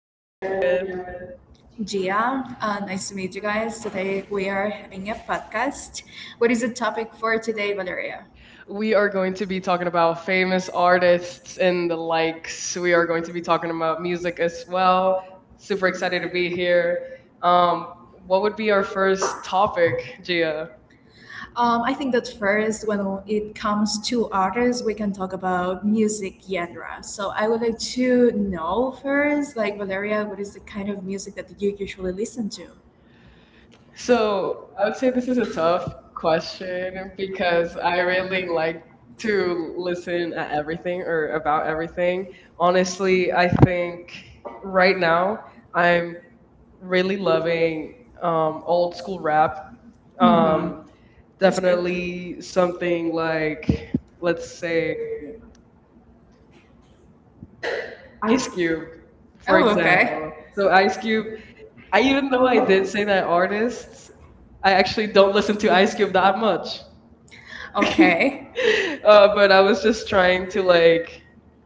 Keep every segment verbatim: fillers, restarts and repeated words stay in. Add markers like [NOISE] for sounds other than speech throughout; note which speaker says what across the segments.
Speaker 1: and I'm here with.
Speaker 2: Gia, uh, nice to meet you guys. Today we are having a podcast. What is the topic for today, Valeria?
Speaker 1: We are going to be talking about famous artists
Speaker 2: Artists in
Speaker 1: and the
Speaker 2: the
Speaker 1: likes. We are going to be talking about music as well. Super excited to be here.
Speaker 2: sphere.
Speaker 1: Um,
Speaker 2: Um,
Speaker 1: what would be our
Speaker 2: first
Speaker 1: first topic, Gia?
Speaker 2: Um, I think that first, when it comes to artists, we can talk about music genre. So I would like to know first, like Valeria, what is the kind of music that you usually listen to?
Speaker 1: So
Speaker 2: So
Speaker 1: I
Speaker 2: I
Speaker 1: would
Speaker 2: would
Speaker 1: say
Speaker 2: say
Speaker 1: this
Speaker 2: this
Speaker 1: is a
Speaker 2: is
Speaker 1: tough
Speaker 2: a
Speaker 1: question
Speaker 2: topic because
Speaker 1: because I
Speaker 2: I
Speaker 1: really
Speaker 2: really
Speaker 1: like
Speaker 2: like
Speaker 1: to listen at everything or about everything. Honestly, I think right now I'm really loving um, old
Speaker 2: old
Speaker 1: school rap.
Speaker 2: rap. Mhm. Um,
Speaker 1: Um, definitely something like, let's say, Ice Cube, for
Speaker 2: Oh,
Speaker 1: example.
Speaker 2: okay.
Speaker 1: So
Speaker 2: So
Speaker 1: Ice
Speaker 2: Ice
Speaker 1: Cube,
Speaker 2: Cube,
Speaker 1: I
Speaker 2: I
Speaker 1: even though I
Speaker 2: love
Speaker 1: did say
Speaker 2: this
Speaker 1: that artists,
Speaker 2: artist.
Speaker 1: I
Speaker 2: I
Speaker 1: actually
Speaker 2: actually
Speaker 1: don't
Speaker 2: don't
Speaker 1: listen
Speaker 2: listen
Speaker 1: to
Speaker 2: to
Speaker 1: Ice
Speaker 2: Ice
Speaker 1: Cube
Speaker 2: Cube
Speaker 1: that
Speaker 2: that much.
Speaker 1: much. [LAUGHS]
Speaker 2: Okay.
Speaker 1: Uh,
Speaker 2: [LAUGHS] I
Speaker 1: but I was just trying to like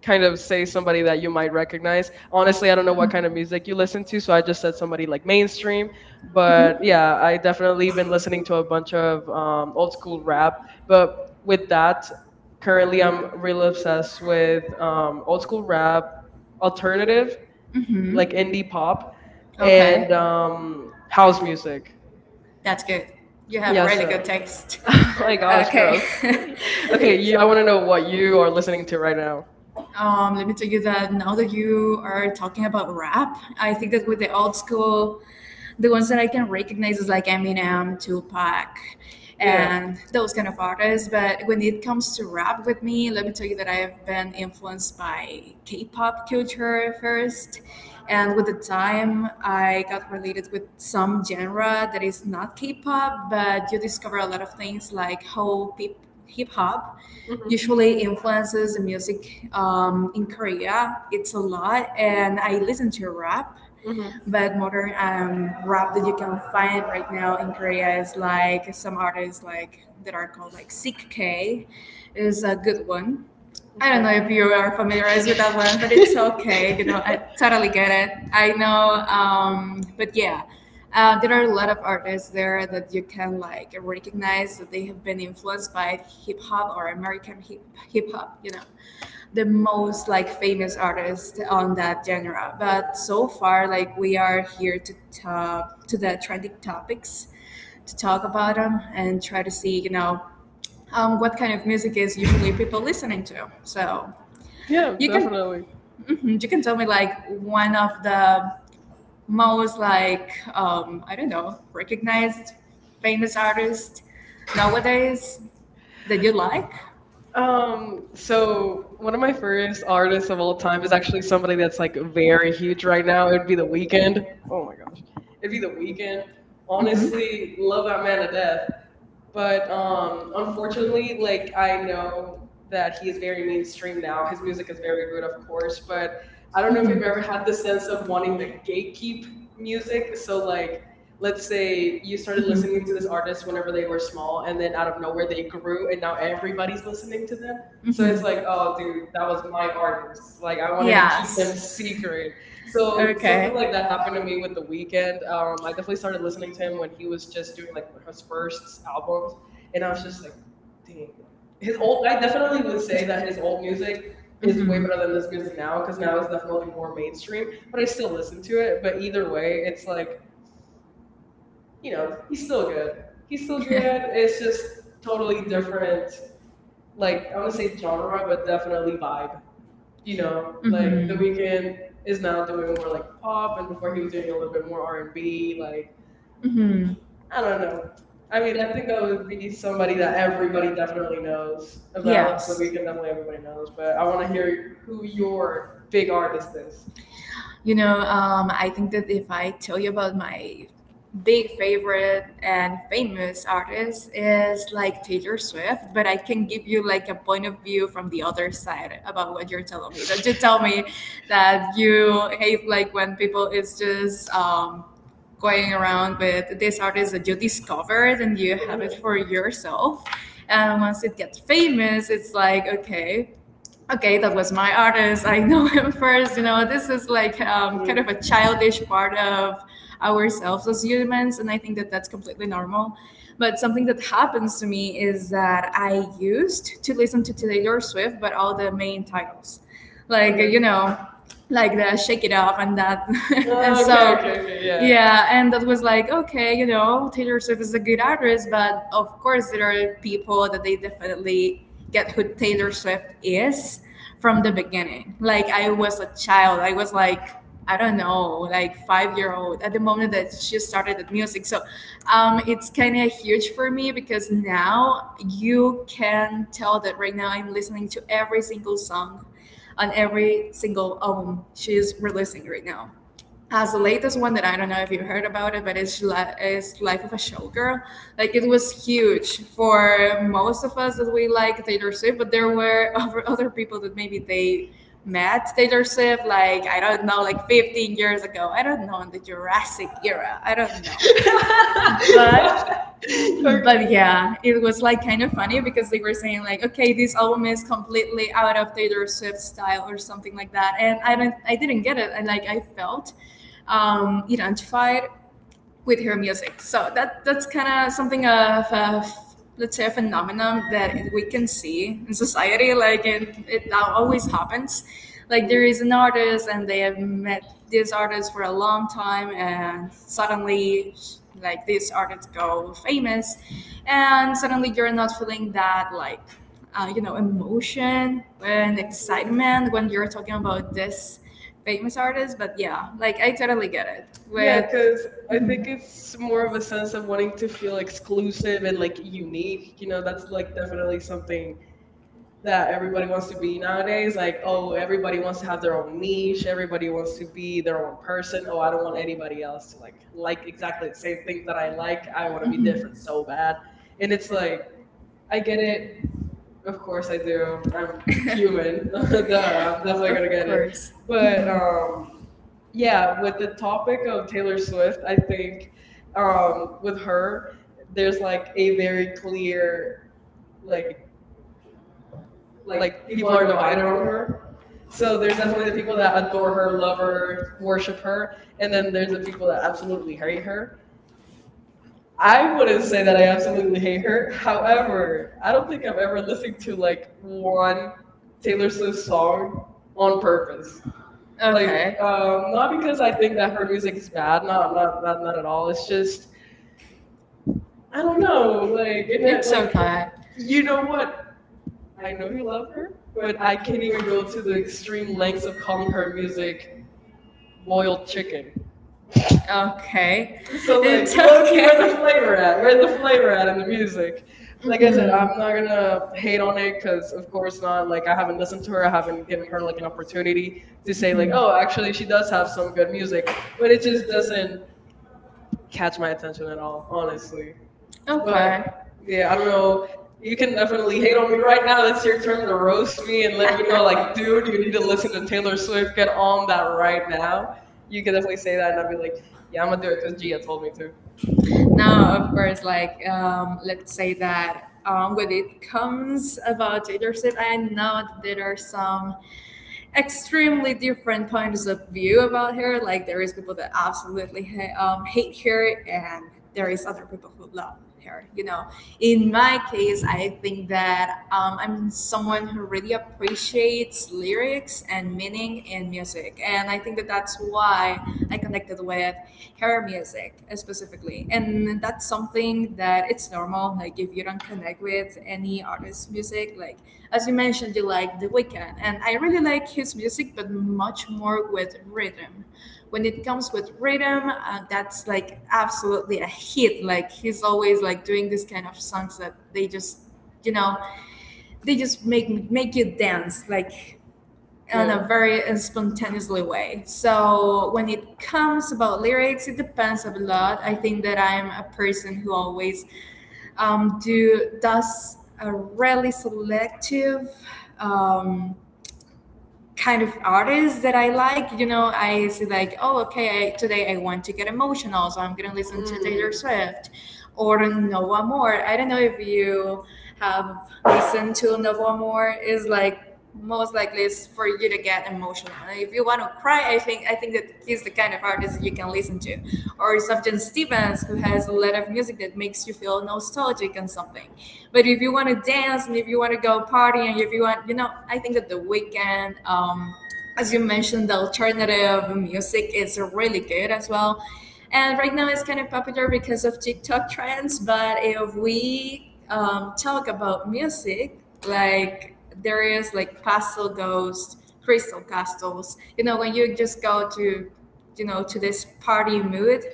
Speaker 1: kind of say somebody that you might recognize. Honestly, I don't know what kind of music you listen to, so I just said somebody like mainstream. But yeah, I definitely been listening
Speaker 2: listening
Speaker 1: to
Speaker 2: to
Speaker 1: a
Speaker 2: him much.
Speaker 1: bunch of um, old school rap. But with that,
Speaker 2: You
Speaker 1: currently I'm
Speaker 2: know,
Speaker 1: real obsessed with um, old
Speaker 2: old
Speaker 1: school
Speaker 2: school
Speaker 1: rap,
Speaker 2: rap.
Speaker 1: alternative,
Speaker 2: Hmm.
Speaker 1: like
Speaker 2: Like,
Speaker 1: indie pop,
Speaker 2: okay.
Speaker 1: and
Speaker 2: and, um,
Speaker 1: um, house
Speaker 2: how-
Speaker 1: music.
Speaker 2: That's good. You have, yeah,
Speaker 1: Yeah,
Speaker 2: really good
Speaker 1: so. [LAUGHS]
Speaker 2: taste. [LAUGHS]
Speaker 1: Oh my gosh,
Speaker 2: Okay.
Speaker 1: girls. [LAUGHS] Okay, you, I want to know what
Speaker 2: [LAUGHS]
Speaker 1: you
Speaker 2: you,
Speaker 1: are listening to right now.
Speaker 2: Um, let me tell you that now that you are talking about rap, I think
Speaker 1: hmm
Speaker 2: that with the old school, the ones that I can recognize is like Eminem, Tupac,
Speaker 1: Yeah.
Speaker 2: and those kind of artists. But when it comes to rap with me, let me tell you that I have been influenced by K pop culture first. And with the time, I got related with some genre that is not K pop, but you discover a lot of things like how hip hop
Speaker 1: hmm
Speaker 2: usually influences the music um, in Korea. It's a lot, and I listen to rap,
Speaker 1: hmm
Speaker 2: but modern um, rap that you can find right now in Korea is like some artists like that are called like Sick K is a good one. I don't
Speaker 1: Okay.
Speaker 2: know if you are familiarized with that one, but it's [LAUGHS] okay. You know, I totally get it. I know, um, but yeah, uh, there are a lot of artists there that you can like recognize that they have been influenced by hip hop or American hip hip hop. You know, the most like famous artist on that genre. But so far, like we are here to talk to the trending topics to talk about them and try to see, you know, um, what kind of music is usually people listening to. So
Speaker 1: Yeah,
Speaker 2: you can.
Speaker 1: definitely.
Speaker 2: Mhm. You can tell me like one of the most like um, I don't know, recognized famous artists nowadays that you like.
Speaker 1: Um,
Speaker 2: Um, so,
Speaker 1: so one of my first artists of all time is actually somebody that's like very
Speaker 2: Eric,
Speaker 1: huge right now. It'd be The Weeknd. Oh my gosh. It'd
Speaker 2: it'd
Speaker 1: be
Speaker 2: be
Speaker 1: The
Speaker 2: the
Speaker 1: Weeknd.
Speaker 2: weekend. Mhm.
Speaker 1: Honestly,
Speaker 2: Honestly,
Speaker 1: love
Speaker 2: love
Speaker 1: that
Speaker 2: that
Speaker 1: man to
Speaker 2: man to
Speaker 1: death.
Speaker 2: death.
Speaker 1: But
Speaker 2: But
Speaker 1: um,
Speaker 2: um,
Speaker 1: unfortunately,
Speaker 2: unfortunately,
Speaker 1: like
Speaker 2: like
Speaker 1: I
Speaker 2: I
Speaker 1: know
Speaker 2: know
Speaker 1: that
Speaker 2: that
Speaker 1: he is
Speaker 2: he's
Speaker 1: very
Speaker 2: very
Speaker 1: mainstream
Speaker 2: mainstream
Speaker 1: now.
Speaker 2: now.
Speaker 1: His
Speaker 2: His
Speaker 1: music
Speaker 2: music
Speaker 1: is
Speaker 2: is
Speaker 1: very
Speaker 2: very
Speaker 1: good, of
Speaker 2: good, of
Speaker 1: course,
Speaker 2: course,
Speaker 1: but
Speaker 2: but
Speaker 1: I
Speaker 2: I
Speaker 1: don't
Speaker 2: don't
Speaker 1: know
Speaker 2: know
Speaker 1: if
Speaker 2: if
Speaker 1: you've
Speaker 2: you've
Speaker 1: ever
Speaker 2: ever
Speaker 1: had
Speaker 2: had
Speaker 1: the
Speaker 2: the
Speaker 1: sense
Speaker 2: sense
Speaker 1: of
Speaker 2: of
Speaker 1: wanting
Speaker 2: wanting
Speaker 1: to
Speaker 2: to
Speaker 1: gatekeep
Speaker 2: gatekeep
Speaker 1: music.
Speaker 2: music.
Speaker 1: So
Speaker 2: So
Speaker 1: like,
Speaker 2: like,
Speaker 1: let's
Speaker 2: let's
Speaker 1: say
Speaker 2: say
Speaker 1: you
Speaker 2: you
Speaker 1: started
Speaker 2: started, mhm,
Speaker 1: listening
Speaker 2: listening
Speaker 1: to
Speaker 2: to
Speaker 1: this
Speaker 2: this
Speaker 1: artist
Speaker 2: artist
Speaker 1: whenever
Speaker 2: whenever
Speaker 1: they
Speaker 2: they
Speaker 1: were
Speaker 2: were
Speaker 1: small,
Speaker 2: small,
Speaker 1: and
Speaker 2: and
Speaker 1: then
Speaker 2: then
Speaker 1: out of
Speaker 2: out of
Speaker 1: nowhere
Speaker 2: nowhere
Speaker 1: they
Speaker 2: they
Speaker 1: grew,
Speaker 2: grew,
Speaker 1: and
Speaker 2: and
Speaker 1: now
Speaker 2: now
Speaker 1: everybody's
Speaker 2: everybody's
Speaker 1: listening
Speaker 2: listening
Speaker 1: to
Speaker 2: to
Speaker 1: them.
Speaker 2: them.
Speaker 1: So
Speaker 2: So, mhm,
Speaker 1: it's
Speaker 2: it's
Speaker 1: like,
Speaker 2: like,
Speaker 1: oh,
Speaker 2: oh,
Speaker 1: dude,
Speaker 2: dude,
Speaker 1: that
Speaker 2: that
Speaker 1: was
Speaker 2: was
Speaker 1: my
Speaker 2: my
Speaker 1: artist.
Speaker 2: artist.
Speaker 1: Like
Speaker 2: Like
Speaker 1: I
Speaker 2: I wanted to
Speaker 1: wanted
Speaker 2: keep,
Speaker 1: to keep
Speaker 2: yes,
Speaker 1: them
Speaker 2: them, yes, secret.
Speaker 1: secret.
Speaker 2: So
Speaker 1: So
Speaker 2: something, okay,
Speaker 1: something like
Speaker 2: like
Speaker 1: that
Speaker 2: that
Speaker 1: happened
Speaker 2: happened
Speaker 1: to
Speaker 2: to
Speaker 1: me
Speaker 2: me
Speaker 1: with The
Speaker 2: with
Speaker 1: Weeknd. Um, I definitely started listening to him
Speaker 2: when
Speaker 1: when he
Speaker 2: he
Speaker 1: was
Speaker 2: was
Speaker 1: just
Speaker 2: just
Speaker 1: doing
Speaker 2: doing
Speaker 1: like
Speaker 2: like
Speaker 1: his
Speaker 2: his works,
Speaker 1: first
Speaker 2: his
Speaker 1: albums,
Speaker 2: albums,
Speaker 1: and I
Speaker 2: and I
Speaker 1: was
Speaker 2: was
Speaker 1: just
Speaker 2: just
Speaker 1: like,
Speaker 2: like, dang.
Speaker 1: dang, like his
Speaker 2: His
Speaker 1: old.
Speaker 2: old,
Speaker 1: I
Speaker 2: I
Speaker 1: definitely
Speaker 2: definitely
Speaker 1: would
Speaker 2: would
Speaker 1: say
Speaker 2: say
Speaker 1: that
Speaker 2: that
Speaker 1: his
Speaker 2: his
Speaker 1: old
Speaker 2: old
Speaker 1: music
Speaker 2: music is,
Speaker 1: is
Speaker 2: mhm,
Speaker 1: way
Speaker 2: way
Speaker 1: better than
Speaker 2: better than
Speaker 1: this
Speaker 2: his
Speaker 1: music
Speaker 2: music
Speaker 1: now
Speaker 2: now,
Speaker 1: because
Speaker 2: because
Speaker 1: now
Speaker 2: now
Speaker 1: it's
Speaker 2: it's
Speaker 1: definitely
Speaker 2: definitely
Speaker 1: more
Speaker 2: more
Speaker 1: mainstream.
Speaker 2: mainstream.
Speaker 1: But
Speaker 2: But
Speaker 1: I
Speaker 2: I
Speaker 1: still
Speaker 2: still
Speaker 1: listen
Speaker 2: listen to
Speaker 1: to it.
Speaker 2: it.
Speaker 1: But
Speaker 2: But
Speaker 1: either
Speaker 2: either
Speaker 1: way,
Speaker 2: way,
Speaker 1: it's like you
Speaker 2: you
Speaker 1: know
Speaker 2: know,
Speaker 1: he's
Speaker 2: he's
Speaker 1: still
Speaker 2: still
Speaker 1: good.
Speaker 2: good.
Speaker 1: He's
Speaker 2: He's
Speaker 1: still
Speaker 2: still [LAUGHS] good.
Speaker 1: good. It's
Speaker 2: It's
Speaker 1: just
Speaker 2: just
Speaker 1: totally
Speaker 2: totally
Speaker 1: different.
Speaker 2: different.
Speaker 1: Like
Speaker 2: Like,
Speaker 1: I
Speaker 2: I
Speaker 1: want to
Speaker 2: would
Speaker 1: say
Speaker 2: say
Speaker 1: genre,
Speaker 2: genre,
Speaker 1: but
Speaker 2: but
Speaker 1: definitely
Speaker 2: definitely
Speaker 1: vibe,
Speaker 2: vibe.
Speaker 1: you
Speaker 2: You
Speaker 1: know,
Speaker 2: know, mm-hmm, like,
Speaker 1: like
Speaker 2: mhm,
Speaker 1: The
Speaker 2: The
Speaker 1: Weeknd
Speaker 2: Weeknd
Speaker 1: is
Speaker 2: is
Speaker 1: now
Speaker 2: now doing
Speaker 1: doing more
Speaker 2: more
Speaker 1: like
Speaker 2: like
Speaker 1: pop,
Speaker 2: pop,
Speaker 1: and
Speaker 2: and
Speaker 1: before
Speaker 2: before
Speaker 1: he
Speaker 2: he
Speaker 1: was
Speaker 2: was doing
Speaker 1: doing a
Speaker 2: a
Speaker 1: little
Speaker 2: little
Speaker 1: bit
Speaker 2: bit
Speaker 1: more
Speaker 2: more
Speaker 1: R
Speaker 2: R
Speaker 1: and
Speaker 2: and
Speaker 1: B.
Speaker 2: B,
Speaker 1: Like
Speaker 2: hmm I
Speaker 1: I don't
Speaker 2: don't
Speaker 1: know.
Speaker 2: know.
Speaker 1: I
Speaker 2: I
Speaker 1: mean,
Speaker 2: mean,
Speaker 1: I
Speaker 2: I think
Speaker 1: think that
Speaker 2: that
Speaker 1: would
Speaker 2: would
Speaker 1: be
Speaker 2: be
Speaker 1: somebody
Speaker 2: somebody
Speaker 1: that
Speaker 2: that
Speaker 1: everybody
Speaker 2: everybody
Speaker 1: definitely
Speaker 2: definitely
Speaker 1: knows
Speaker 2: knows. And then
Speaker 1: about.
Speaker 2: also,
Speaker 1: The
Speaker 2: yes, we
Speaker 1: Weeknd
Speaker 2: can
Speaker 1: definitely
Speaker 2: definitely
Speaker 1: everybody
Speaker 2: everybody
Speaker 1: knows,
Speaker 2: knows.
Speaker 1: but
Speaker 2: But
Speaker 1: I
Speaker 2: I
Speaker 1: want
Speaker 2: want
Speaker 1: to
Speaker 2: to
Speaker 1: hear
Speaker 2: hear
Speaker 1: who
Speaker 2: who
Speaker 1: your
Speaker 2: your
Speaker 1: big
Speaker 2: big
Speaker 1: artist
Speaker 2: artist is.
Speaker 1: is.
Speaker 2: You know, um, I think that if I tell you about my big favorite and famous artist is like Taylor Swift, but I can give you like a point of view from the other side about what you're telling me. That you tell me that you hate like when people is just um, going around with this artist that you discovered and you have it
Speaker 1: Uh-huh.
Speaker 2: for yourself. And once it gets famous, it's like, okay, okay, that was my artist. I know [LAUGHS] him first. You know, this is like um, kind of
Speaker 1: Literally.
Speaker 2: a childish part of ourselves as humans, and I think that that's completely normal. But something that happens to me is that I used to listen to Taylor Swift, but all the main titles, like,
Speaker 1: Okay.
Speaker 2: you know, like the Shake It Off and that, [LAUGHS] and
Speaker 1: Oh, okay. Okay.
Speaker 2: so.
Speaker 1: Okay. Yeah.
Speaker 2: Yeah, and that was like, okay, you know, Taylor Swift is a good artist, but of course, there are people that they definitely get who Taylor Swift is from the beginning. Like I was a child. I was like I don't know, like five year old at the moment that she started the music. So um, it's kind of huge for me because now you can tell that right now I'm listening to every single song on every single album she's releasing right now as the latest one that I don't know if you heard about it, but it's li- it's Life of a Showgirl. Like it was huge for most of us that we like Taylor Swift, but there were [LAUGHS] other other people that maybe they met Taylor Swift like I don't know, like fifteen years ago. I don't know in the Jurassic era. I don't know, but
Speaker 1: [LAUGHS] Okay.
Speaker 2: but yeah, it was like kind of funny because they were saying like, okay, this album is completely out of Taylor Swift's style or something like that, and I don't, I didn't get it, and like I felt um, Iran fire with her music. So that that's kind of something of a f- let's say a phenomenon that we can see in society. Like it, it always happens. Like there is an artist and they have met this artist for a long time, and suddenly like this artist go famous, and suddenly you're not feeling that like. Uh, you know, emotion and
Speaker 1: Mm,
Speaker 2: excitement when you're talking about this famous artist, but yeah, like I totally get it.
Speaker 1: yeah,
Speaker 2: With
Speaker 1: because I think
Speaker 2: a
Speaker 1: it's more of a sense
Speaker 2: sense
Speaker 1: of
Speaker 2: of
Speaker 1: wanting
Speaker 2: wanting to
Speaker 1: to feel
Speaker 2: feel
Speaker 1: exclusive
Speaker 2: exclusive
Speaker 1: and
Speaker 2: and like
Speaker 1: like unique.
Speaker 2: unique,
Speaker 1: You
Speaker 2: you
Speaker 1: know,
Speaker 2: know,
Speaker 1: that's
Speaker 2: like
Speaker 1: like
Speaker 2: definitely
Speaker 1: definitely something
Speaker 2: something that
Speaker 1: that everybody
Speaker 2: everybody
Speaker 1: wants
Speaker 2: wants
Speaker 1: to
Speaker 2: to be
Speaker 1: be nowadays.
Speaker 2: nowadays.
Speaker 1: Like,
Speaker 2: Like,
Speaker 1: oh,
Speaker 2: oh,
Speaker 1: everybody
Speaker 2: everybody wants
Speaker 1: wants
Speaker 2: to
Speaker 1: to have
Speaker 2: have their
Speaker 1: their own
Speaker 2: own niche,
Speaker 1: niche. Everybody
Speaker 2: everybody
Speaker 1: wants
Speaker 2: wants
Speaker 1: to
Speaker 2: to
Speaker 1: be
Speaker 2: be
Speaker 1: their
Speaker 2: their
Speaker 1: own
Speaker 2: own
Speaker 1: person.
Speaker 2: person.
Speaker 1: Oh,
Speaker 2: Oh, I
Speaker 1: I don't
Speaker 2: don't
Speaker 1: want
Speaker 2: want
Speaker 1: anybody
Speaker 2: anybody
Speaker 1: else
Speaker 2: else
Speaker 1: to like
Speaker 2: to like,
Speaker 1: like
Speaker 2: like
Speaker 1: exactly
Speaker 2: exactly
Speaker 1: the same things
Speaker 2: the that
Speaker 1: that I
Speaker 2: I
Speaker 1: like.
Speaker 2: like.
Speaker 1: I
Speaker 2: I
Speaker 1: want
Speaker 2: want
Speaker 1: to
Speaker 2: to
Speaker 1: be
Speaker 2: be different
Speaker 1: different
Speaker 2: so
Speaker 1: so
Speaker 2: bad.
Speaker 1: bad. And
Speaker 2: It's
Speaker 1: it's like,
Speaker 2: like, I
Speaker 1: I get
Speaker 2: get
Speaker 1: it.
Speaker 2: it.
Speaker 1: Of
Speaker 2: Of course
Speaker 1: course
Speaker 2: I
Speaker 1: I
Speaker 2: do.
Speaker 1: do. I'm
Speaker 2: I'm
Speaker 1: human.
Speaker 2: human.
Speaker 1: [LAUGHS]
Speaker 2: [LAUGHS]
Speaker 1: Duh,
Speaker 2: Yeah,
Speaker 1: I'm
Speaker 2: that's like I
Speaker 1: definitely
Speaker 2: Of
Speaker 1: gonna
Speaker 2: get it.
Speaker 1: get it.
Speaker 2: Course. But
Speaker 1: But um
Speaker 2: um,
Speaker 1: yeah,
Speaker 2: yeah, with
Speaker 1: with the
Speaker 2: the
Speaker 1: topic
Speaker 2: topic
Speaker 1: of
Speaker 2: of
Speaker 1: Taylor
Speaker 2: Taylor
Speaker 1: Swift,
Speaker 2: Swift,
Speaker 1: I
Speaker 2: I
Speaker 1: think
Speaker 2: think
Speaker 1: um,
Speaker 2: um,
Speaker 1: with
Speaker 2: with
Speaker 1: her,
Speaker 2: her,
Speaker 1: there's
Speaker 2: there's like
Speaker 1: like a
Speaker 2: a
Speaker 1: very
Speaker 2: very
Speaker 1: clear
Speaker 2: clear
Speaker 1: like
Speaker 2: like
Speaker 1: like
Speaker 2: like
Speaker 1: people
Speaker 2: people
Speaker 1: are
Speaker 2: are divided
Speaker 1: divided
Speaker 2: on
Speaker 1: on her.
Speaker 2: her.
Speaker 1: So
Speaker 2: So there's
Speaker 1: there's definitely
Speaker 2: definitely the
Speaker 1: the
Speaker 2: people
Speaker 1: people that
Speaker 2: that adore
Speaker 1: adore her,
Speaker 2: her, love
Speaker 1: love her,
Speaker 2: her,
Speaker 1: worship
Speaker 2: worship
Speaker 1: her,
Speaker 2: her, and
Speaker 1: and
Speaker 2: then
Speaker 1: then
Speaker 2: there's
Speaker 1: there's the
Speaker 2: the people
Speaker 1: people
Speaker 2: that
Speaker 1: that
Speaker 2: absolutely
Speaker 1: absolutely
Speaker 2: hate her.
Speaker 1: hate her. I
Speaker 2: I
Speaker 1: wouldn't
Speaker 2: wouldn't say
Speaker 1: say
Speaker 2: that
Speaker 1: that
Speaker 2: I
Speaker 1: I
Speaker 2: absolutely
Speaker 1: absolutely hate
Speaker 2: hate
Speaker 1: her.
Speaker 2: her.
Speaker 1: However,
Speaker 2: However,
Speaker 1: I
Speaker 2: I
Speaker 1: don't
Speaker 2: don't
Speaker 1: think
Speaker 2: think
Speaker 1: I've
Speaker 2: I've
Speaker 1: ever
Speaker 2: ever listened
Speaker 1: listened
Speaker 2: to
Speaker 1: to like
Speaker 2: like one
Speaker 1: one Taylor
Speaker 2: Taylor Swift
Speaker 1: Swift song
Speaker 2: song
Speaker 1: on
Speaker 2: on purpose.
Speaker 1: purpose. Like,
Speaker 2: Okay. Like,
Speaker 1: um,
Speaker 2: um,
Speaker 1: not
Speaker 2: not because
Speaker 1: because
Speaker 2: I
Speaker 1: I
Speaker 2: think
Speaker 1: think that
Speaker 2: that
Speaker 1: her
Speaker 2: her
Speaker 1: music is
Speaker 2: music,
Speaker 1: bad,
Speaker 2: not
Speaker 1: not
Speaker 2: not
Speaker 1: not
Speaker 2: not
Speaker 1: not
Speaker 2: not,
Speaker 1: not
Speaker 2: at
Speaker 1: at
Speaker 2: all.
Speaker 1: all.
Speaker 2: It's
Speaker 1: It's just
Speaker 2: just I
Speaker 1: I don't
Speaker 2: don't
Speaker 1: know,
Speaker 2: know. Like
Speaker 1: like,
Speaker 2: it-
Speaker 1: and that,
Speaker 2: it's
Speaker 1: like,
Speaker 2: okay.
Speaker 1: you
Speaker 2: You know
Speaker 1: know what?
Speaker 2: what? I
Speaker 1: I
Speaker 2: know
Speaker 1: know
Speaker 2: you
Speaker 1: you love
Speaker 2: love
Speaker 1: her,
Speaker 2: her,
Speaker 1: but
Speaker 2: but I
Speaker 1: I
Speaker 2: can't
Speaker 1: can't
Speaker 2: even
Speaker 1: even
Speaker 2: go
Speaker 1: go
Speaker 2: to
Speaker 1: to the
Speaker 2: the
Speaker 1: extreme
Speaker 2: extreme lengths
Speaker 1: lengths
Speaker 2: of
Speaker 1: of calling
Speaker 2: calling
Speaker 1: her
Speaker 2: her
Speaker 1: music
Speaker 2: music
Speaker 1: boiled
Speaker 2: boy.
Speaker 1: chicken.
Speaker 2: Okay. So
Speaker 1: So,
Speaker 2: like,
Speaker 1: like,
Speaker 2: It's where's- okay.
Speaker 1: Loki, where the
Speaker 2: Where's the flavor
Speaker 1: flavor at?
Speaker 2: at?
Speaker 1: Where the
Speaker 2: Where's the
Speaker 1: flavor
Speaker 2: flavor
Speaker 1: at in
Speaker 2: at in
Speaker 1: the
Speaker 2: the music?
Speaker 1: music?
Speaker 2: Like,
Speaker 1: Like
Speaker 2: mm-hmm.
Speaker 1: I
Speaker 2: I
Speaker 1: said,
Speaker 2: said,
Speaker 1: I'm
Speaker 2: I'm not
Speaker 1: not gonna
Speaker 2: gonna hate
Speaker 1: hate
Speaker 2: on
Speaker 1: on it
Speaker 2: it.
Speaker 1: because, of course, not. Like,
Speaker 2: Like
Speaker 1: I
Speaker 2: I
Speaker 1: haven't
Speaker 2: haven't
Speaker 1: listened
Speaker 2: listened
Speaker 1: to her.
Speaker 2: to
Speaker 1: I
Speaker 2: it and
Speaker 1: haven't given
Speaker 2: given
Speaker 1: her
Speaker 2: her
Speaker 1: like an
Speaker 2: like
Speaker 1: opportunity to
Speaker 2: say
Speaker 1: say
Speaker 2: like
Speaker 1: like,
Speaker 2: oh
Speaker 1: oh, actually,
Speaker 2: actually
Speaker 1: she
Speaker 2: she
Speaker 1: does
Speaker 2: does
Speaker 1: have
Speaker 2: have
Speaker 1: some
Speaker 2: some
Speaker 1: good
Speaker 2: good music,
Speaker 1: music,
Speaker 2: but
Speaker 1: but it
Speaker 2: it
Speaker 1: just doesn't
Speaker 2: doesn't
Speaker 1: catch my attention at all,
Speaker 2: honestly.
Speaker 1: honestly.
Speaker 2: Okay.
Speaker 1: But
Speaker 2: But,
Speaker 1: yeah,
Speaker 2: yeah,
Speaker 1: I
Speaker 2: I
Speaker 1: don't
Speaker 2: don't
Speaker 1: know.
Speaker 2: know
Speaker 1: You can
Speaker 2: definitely
Speaker 1: definitely
Speaker 2: hate
Speaker 1: hate on
Speaker 2: on me
Speaker 1: me right
Speaker 2: right
Speaker 1: now.
Speaker 2: now.
Speaker 1: It's
Speaker 2: It's
Speaker 1: your turn
Speaker 2: your turn
Speaker 1: to
Speaker 2: to roast
Speaker 1: roast me
Speaker 2: me
Speaker 1: and
Speaker 2: and
Speaker 1: let
Speaker 2: let
Speaker 1: me
Speaker 2: me
Speaker 1: know,
Speaker 2: know,
Speaker 1: like,
Speaker 2: like, [LAUGHS]
Speaker 1: dude,
Speaker 2: dude,
Speaker 1: you
Speaker 2: you need
Speaker 1: need
Speaker 2: to
Speaker 1: to listen
Speaker 2: listen
Speaker 1: to
Speaker 2: to
Speaker 1: Taylor
Speaker 2: Taylor Swift.
Speaker 1: Swift. Get
Speaker 2: Get
Speaker 1: on
Speaker 2: on
Speaker 1: that
Speaker 2: that
Speaker 1: right
Speaker 2: right
Speaker 1: now.
Speaker 2: now. You
Speaker 1: You can
Speaker 2: can
Speaker 1: definitely
Speaker 2: definitely say
Speaker 1: say that,
Speaker 2: that,
Speaker 1: and
Speaker 2: and
Speaker 1: I'd
Speaker 2: I'll
Speaker 1: be
Speaker 2: be
Speaker 1: like,
Speaker 2: like, yeah,
Speaker 1: yeah, I'm
Speaker 2: I'm
Speaker 1: gonna
Speaker 2: gonna
Speaker 1: do
Speaker 2: do
Speaker 1: it
Speaker 2: it
Speaker 1: because
Speaker 2: because
Speaker 1: Gia
Speaker 2: Gia
Speaker 1: told me
Speaker 2: told me
Speaker 1: to.
Speaker 2: to. Now, of course, like um, let's say that um, when it comes about Taylor Swift, I know that there are some extremely different points of view about her. Like there is people that absolutely ha- um, hate her, and there is other people who love her. You know, in my case, I think that um, I'm someone who really appreciates lyrics and meaning in music, and I think that that's why I connected with her music uh, specifically. And that's something that it's normal. Like if you don't connect with any artist's music, like as you mentioned, you like The Weeknd, and I really like his music, but much more with rhythm. When it comes with rhythm, uh, that's like absolutely a hit. Like he's always like doing this kind of songs that they just, you know, they just make make you dance like in
Speaker 1: Yeah.
Speaker 2: a very spontaneously way. So when it comes about lyrics, it depends a lot. I think that I'm a person who always um, do does a really selective um, kind of artist that I like. You know, I say like, oh, okay, I, today I want to get emotional, so I'm gonna listen to Taylor
Speaker 1: Mm,
Speaker 2: Swift or Noah Moore. I don't know if you have listened to Noah Moore. Is like most likely it's for you to get emotional. And if you want to cry, I think I think that he's the kind of artist you can listen to, or Sufjan Stevens, who has a lot of music that makes you feel nostalgic and something. But if you want to dance and if you want to go party and if you want, you know, I think that the weekend, um, as you mentioned, the alternative music is really good as well. And right now it's kind of popular because of TikTok trends. But if we um, talk about music, like there is like Pastel Ghost, Crystal Castles, you know, when you just go to, you know, to this party mood,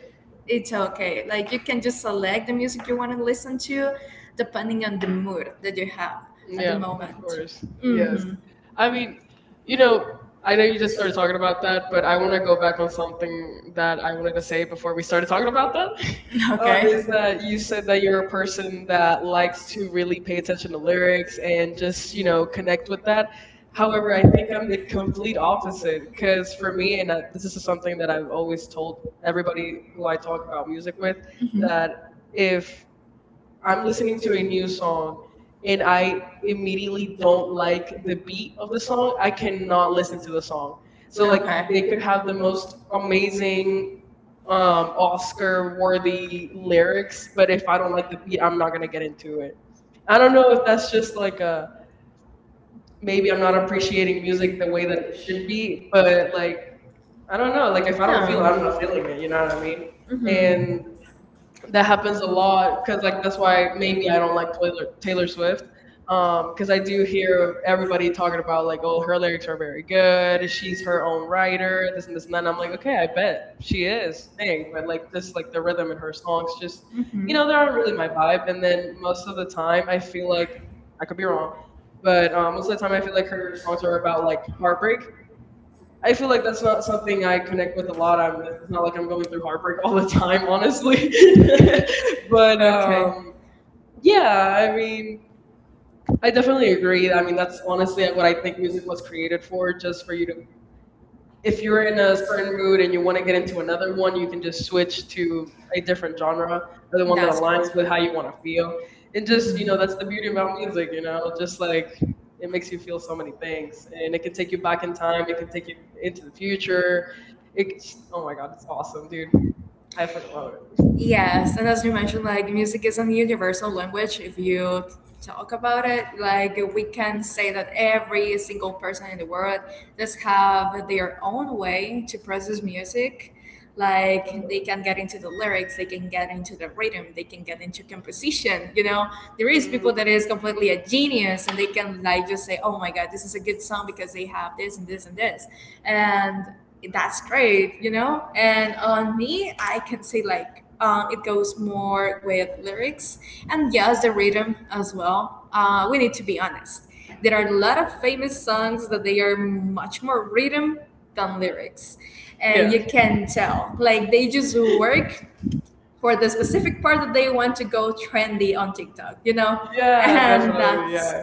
Speaker 2: it's okay. Like you can just select the music you want to listen to, depending on the mood that you have at the
Speaker 1: yeah, of
Speaker 2: moment.
Speaker 1: course. Yes.
Speaker 2: hmm
Speaker 1: I mean, you know, I know you just started talking about that,
Speaker 2: But
Speaker 1: but I
Speaker 2: I
Speaker 1: want
Speaker 2: want
Speaker 1: to
Speaker 2: to go
Speaker 1: go back on
Speaker 2: on something.
Speaker 1: something that I
Speaker 2: I'm going
Speaker 1: wanted
Speaker 2: to
Speaker 1: to say
Speaker 2: say.
Speaker 1: before we started talking about that.
Speaker 2: [LAUGHS]
Speaker 1: Um,
Speaker 2: Okay. uh,
Speaker 1: is
Speaker 2: Is
Speaker 1: that
Speaker 2: that you
Speaker 1: you said that
Speaker 2: say
Speaker 1: you're a
Speaker 2: you're a person
Speaker 1: person
Speaker 2: that,
Speaker 1: that likes to really pay attention to lyrics and just, you know, connect with that. However, I
Speaker 2: however,
Speaker 1: think I'm the complete
Speaker 2: I
Speaker 1: opposite
Speaker 2: opposite.
Speaker 1: because for
Speaker 2: For me,
Speaker 1: me, and uh,
Speaker 2: it's
Speaker 1: this is something that I've always told
Speaker 2: funny.
Speaker 1: everybody who I talk about music with,
Speaker 2: Mhm.
Speaker 1: that
Speaker 2: That if
Speaker 1: if
Speaker 2: I'm
Speaker 1: I'm
Speaker 2: listening
Speaker 1: listening
Speaker 2: to
Speaker 1: to
Speaker 2: a
Speaker 1: a
Speaker 2: new
Speaker 1: new song
Speaker 2: song,
Speaker 1: and
Speaker 2: if
Speaker 1: I
Speaker 2: I
Speaker 1: immediately
Speaker 2: immediately
Speaker 1: don't
Speaker 2: don't
Speaker 1: like
Speaker 2: like
Speaker 1: the beat of
Speaker 2: the
Speaker 1: the song,
Speaker 2: song,
Speaker 1: I
Speaker 2: I
Speaker 1: cannot
Speaker 2: cannot.
Speaker 1: listen to the song.
Speaker 2: So
Speaker 1: So,
Speaker 2: like,
Speaker 1: like,
Speaker 2: okay,
Speaker 1: they
Speaker 2: they
Speaker 1: could
Speaker 2: can
Speaker 1: have
Speaker 2: have the
Speaker 1: the most
Speaker 2: most
Speaker 1: amazing
Speaker 2: amazing uh,
Speaker 1: um Oscar
Speaker 2: Oscar worthy
Speaker 1: worthy lyrics,
Speaker 2: lyrics,
Speaker 1: but
Speaker 2: but if
Speaker 1: if I
Speaker 2: I
Speaker 1: don't
Speaker 2: don't
Speaker 1: like
Speaker 2: like
Speaker 1: the
Speaker 2: the
Speaker 1: beat,
Speaker 2: beat,
Speaker 1: I'm
Speaker 2: I'm
Speaker 1: not
Speaker 2: not
Speaker 1: gonna
Speaker 2: gonna
Speaker 1: get
Speaker 2: get into
Speaker 1: into
Speaker 2: it.
Speaker 1: it. I
Speaker 2: I
Speaker 1: don't
Speaker 2: don't
Speaker 1: know
Speaker 2: know
Speaker 1: if
Speaker 2: if
Speaker 1: that's
Speaker 2: that's
Speaker 1: just
Speaker 2: just
Speaker 1: like
Speaker 2: like
Speaker 1: a
Speaker 2: a,
Speaker 1: maybe
Speaker 2: maybe
Speaker 1: I'm
Speaker 2: I'm
Speaker 1: not
Speaker 2: not
Speaker 1: appreciating
Speaker 2: appreciating
Speaker 1: music
Speaker 2: music
Speaker 1: the
Speaker 2: the
Speaker 1: way
Speaker 2: way
Speaker 1: that
Speaker 2: that
Speaker 1: it
Speaker 2: it
Speaker 1: should
Speaker 2: should
Speaker 1: be,
Speaker 2: be,
Speaker 1: but
Speaker 2: but
Speaker 1: like
Speaker 2: like,
Speaker 1: I don't know, like
Speaker 2: like
Speaker 1: if
Speaker 2: if
Speaker 1: I
Speaker 2: I
Speaker 1: don't
Speaker 2: don't
Speaker 1: feel
Speaker 2: feel
Speaker 1: it,
Speaker 2: it,
Speaker 1: I'm
Speaker 2: I'm
Speaker 1: not
Speaker 2: not feeling
Speaker 1: feeling it,
Speaker 2: it,
Speaker 1: you
Speaker 2: you
Speaker 1: know
Speaker 2: know
Speaker 1: what I
Speaker 2: what I
Speaker 1: mean?
Speaker 2: mean? Hmm.
Speaker 1: And
Speaker 2: And
Speaker 1: that happens a lot
Speaker 2: a,
Speaker 1: because like that's
Speaker 2: because
Speaker 1: why
Speaker 2: like
Speaker 1: maybe
Speaker 2: maybe
Speaker 1: I
Speaker 2: I
Speaker 1: don't
Speaker 2: don't
Speaker 1: like
Speaker 2: like
Speaker 1: Taylor
Speaker 2: what
Speaker 1: Taylor Swift. Um,
Speaker 2: um
Speaker 1: because
Speaker 2: because
Speaker 1: I do
Speaker 2: I do
Speaker 1: hear
Speaker 2: hear
Speaker 1: everybody talking about like,
Speaker 2: like,
Speaker 1: oh,
Speaker 2: well,
Speaker 1: her
Speaker 2: her
Speaker 1: lyrics
Speaker 2: lyrics
Speaker 1: are
Speaker 2: are
Speaker 1: very
Speaker 2: very
Speaker 1: good.
Speaker 2: good,
Speaker 1: She's
Speaker 2: she's
Speaker 1: her
Speaker 2: very
Speaker 1: own writer, this and this and that. And I'm like, okay, I bet she is. Hey, but like this, like the rhythm in her songs,
Speaker 2: songs
Speaker 1: just
Speaker 2: just, hmm,
Speaker 1: you
Speaker 2: you
Speaker 1: know,
Speaker 2: know,
Speaker 1: they
Speaker 2: they're
Speaker 1: aren't
Speaker 2: not
Speaker 1: really
Speaker 2: really
Speaker 1: my
Speaker 2: like,
Speaker 1: vibe. And then most of the time, I feel like
Speaker 2: I
Speaker 1: I could
Speaker 2: could
Speaker 1: be
Speaker 2: be
Speaker 1: wrong,
Speaker 2: wrong,
Speaker 1: but
Speaker 2: but
Speaker 1: um,
Speaker 2: um,
Speaker 1: most
Speaker 2: it's
Speaker 1: of the
Speaker 2: just
Speaker 1: time, I feel like
Speaker 2: like
Speaker 1: her
Speaker 2: her
Speaker 1: songs
Speaker 2: songs
Speaker 1: are
Speaker 2: are
Speaker 1: about
Speaker 2: about,
Speaker 1: like
Speaker 2: like,
Speaker 1: heartbreak. I
Speaker 2: I
Speaker 1: feel
Speaker 2: feel
Speaker 1: like
Speaker 2: like
Speaker 1: that's
Speaker 2: that's
Speaker 1: not
Speaker 2: not
Speaker 1: something
Speaker 2: something
Speaker 1: I
Speaker 2: I
Speaker 1: connect with a
Speaker 2: a
Speaker 1: lot.
Speaker 2: lot
Speaker 1: I'm
Speaker 2: out of this.
Speaker 1: it's
Speaker 2: It's
Speaker 1: not
Speaker 2: not
Speaker 1: like
Speaker 2: like I'm
Speaker 1: I'm
Speaker 2: going
Speaker 1: going through
Speaker 2: through
Speaker 1: heartbreak [LAUGHS]
Speaker 2: heartbreak
Speaker 1: all
Speaker 2: all
Speaker 1: the
Speaker 2: the
Speaker 1: time,
Speaker 2: time.
Speaker 1: honestly. [LAUGHS]
Speaker 2: [LAUGHS]
Speaker 1: but
Speaker 2: But okay.
Speaker 1: um,
Speaker 2: um,
Speaker 1: yeah, I
Speaker 2: I
Speaker 1: mean,
Speaker 2: mean,
Speaker 1: I
Speaker 2: I
Speaker 1: definitely
Speaker 2: really
Speaker 1: agree.
Speaker 2: agree.
Speaker 1: I
Speaker 2: I
Speaker 1: mean,
Speaker 2: mean,
Speaker 1: that's
Speaker 2: that's honestly,
Speaker 1: honestly
Speaker 2: I
Speaker 1: what I think
Speaker 2: like
Speaker 1: music was
Speaker 2: musicals
Speaker 1: created for,
Speaker 2: are
Speaker 1: just
Speaker 2: just
Speaker 1: for
Speaker 2: for
Speaker 1: you to
Speaker 2: you.
Speaker 1: if
Speaker 2: If
Speaker 1: you're
Speaker 2: you're
Speaker 1: in
Speaker 2: in
Speaker 1: a
Speaker 2: a
Speaker 1: certain
Speaker 2: certain
Speaker 1: mood
Speaker 2: mood and
Speaker 1: and you
Speaker 2: you
Speaker 1: want to
Speaker 2: want to
Speaker 1: get
Speaker 2: get
Speaker 1: into another
Speaker 2: another
Speaker 1: one,
Speaker 2: one,
Speaker 1: you
Speaker 2: you
Speaker 1: can
Speaker 2: can
Speaker 1: just
Speaker 2: just
Speaker 1: switch to a different genre or the one that
Speaker 2: that's
Speaker 1: aligns
Speaker 2: that
Speaker 1: with
Speaker 2: with
Speaker 1: how
Speaker 2: how
Speaker 1: you
Speaker 2: you
Speaker 1: want to
Speaker 2: want to
Speaker 1: feel.
Speaker 2: feel.
Speaker 1: And just,
Speaker 2: Just
Speaker 1: you
Speaker 2: you
Speaker 1: know,
Speaker 2: know,
Speaker 1: that's
Speaker 2: that's
Speaker 1: the
Speaker 2: the
Speaker 1: beauty
Speaker 2: beauty
Speaker 1: about
Speaker 2: about
Speaker 1: music,
Speaker 2: music.
Speaker 1: you
Speaker 2: You
Speaker 1: know,
Speaker 2: know,
Speaker 1: just
Speaker 2: just
Speaker 1: like it makes you feel so many things
Speaker 2: things,
Speaker 1: and
Speaker 2: and
Speaker 1: it
Speaker 2: it
Speaker 1: can
Speaker 2: can take
Speaker 1: take you
Speaker 2: you
Speaker 1: back
Speaker 2: back
Speaker 1: in
Speaker 2: in
Speaker 1: time,
Speaker 2: time.
Speaker 1: it
Speaker 2: It
Speaker 1: can
Speaker 2: can
Speaker 1: take
Speaker 2: take
Speaker 1: you
Speaker 2: you into
Speaker 1: into the
Speaker 2: the
Speaker 1: future.
Speaker 2: future.
Speaker 1: It's,
Speaker 2: It's,
Speaker 1: oh
Speaker 2: oh my
Speaker 1: my God,
Speaker 2: god,
Speaker 1: it's
Speaker 2: it's
Speaker 1: awesome,
Speaker 2: awesome,
Speaker 1: dude.
Speaker 2: dude.
Speaker 1: I fucking love it.
Speaker 2: Yes, and as you mentioned, like music is a universal language. If you talk about it, like we can say that every single person in the world does have their own way to process music.
Speaker 1: [LAUGHS]
Speaker 2: Like they
Speaker 1: Definitely.
Speaker 2: can get into the lyrics, they can get into the rhythm, they can get into composition. You know, there is
Speaker 1: Mm,
Speaker 2: people that is completely a genius and they can like just say, "Oh my God, this is a good song because they have this and this and this," and that's great. You know, and on me, I can say like, um, it goes more with lyrics and yes the rhythm as well. Uh, we need to be honest, there are a lot of famous songs that they are much more rhythm than lyrics and
Speaker 1: yeah.
Speaker 2: you can tell like they just work for the specific part that they want to go trendy on TikTok, you know? Yeah,
Speaker 1: Yeah,
Speaker 2: and
Speaker 1: definitely. Yeah.
Speaker 2: that's,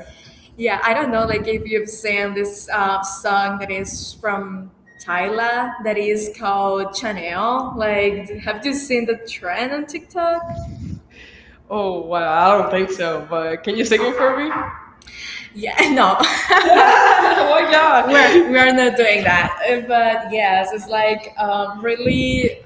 Speaker 2: yeah, I don't know, like if you've seen this uh, song that is from Tyla that is called Chanel. Like, have you seen the trend on TikTok?
Speaker 1: Oh, wow. I don't
Speaker 2: I don't
Speaker 1: think
Speaker 2: think
Speaker 1: so, but can you sing it for me? [LAUGHS]
Speaker 2: so. Yeah, no. [LAUGHS]
Speaker 1: Why not?
Speaker 2: we're we're not doing that. Uh, But yes, it's like um, really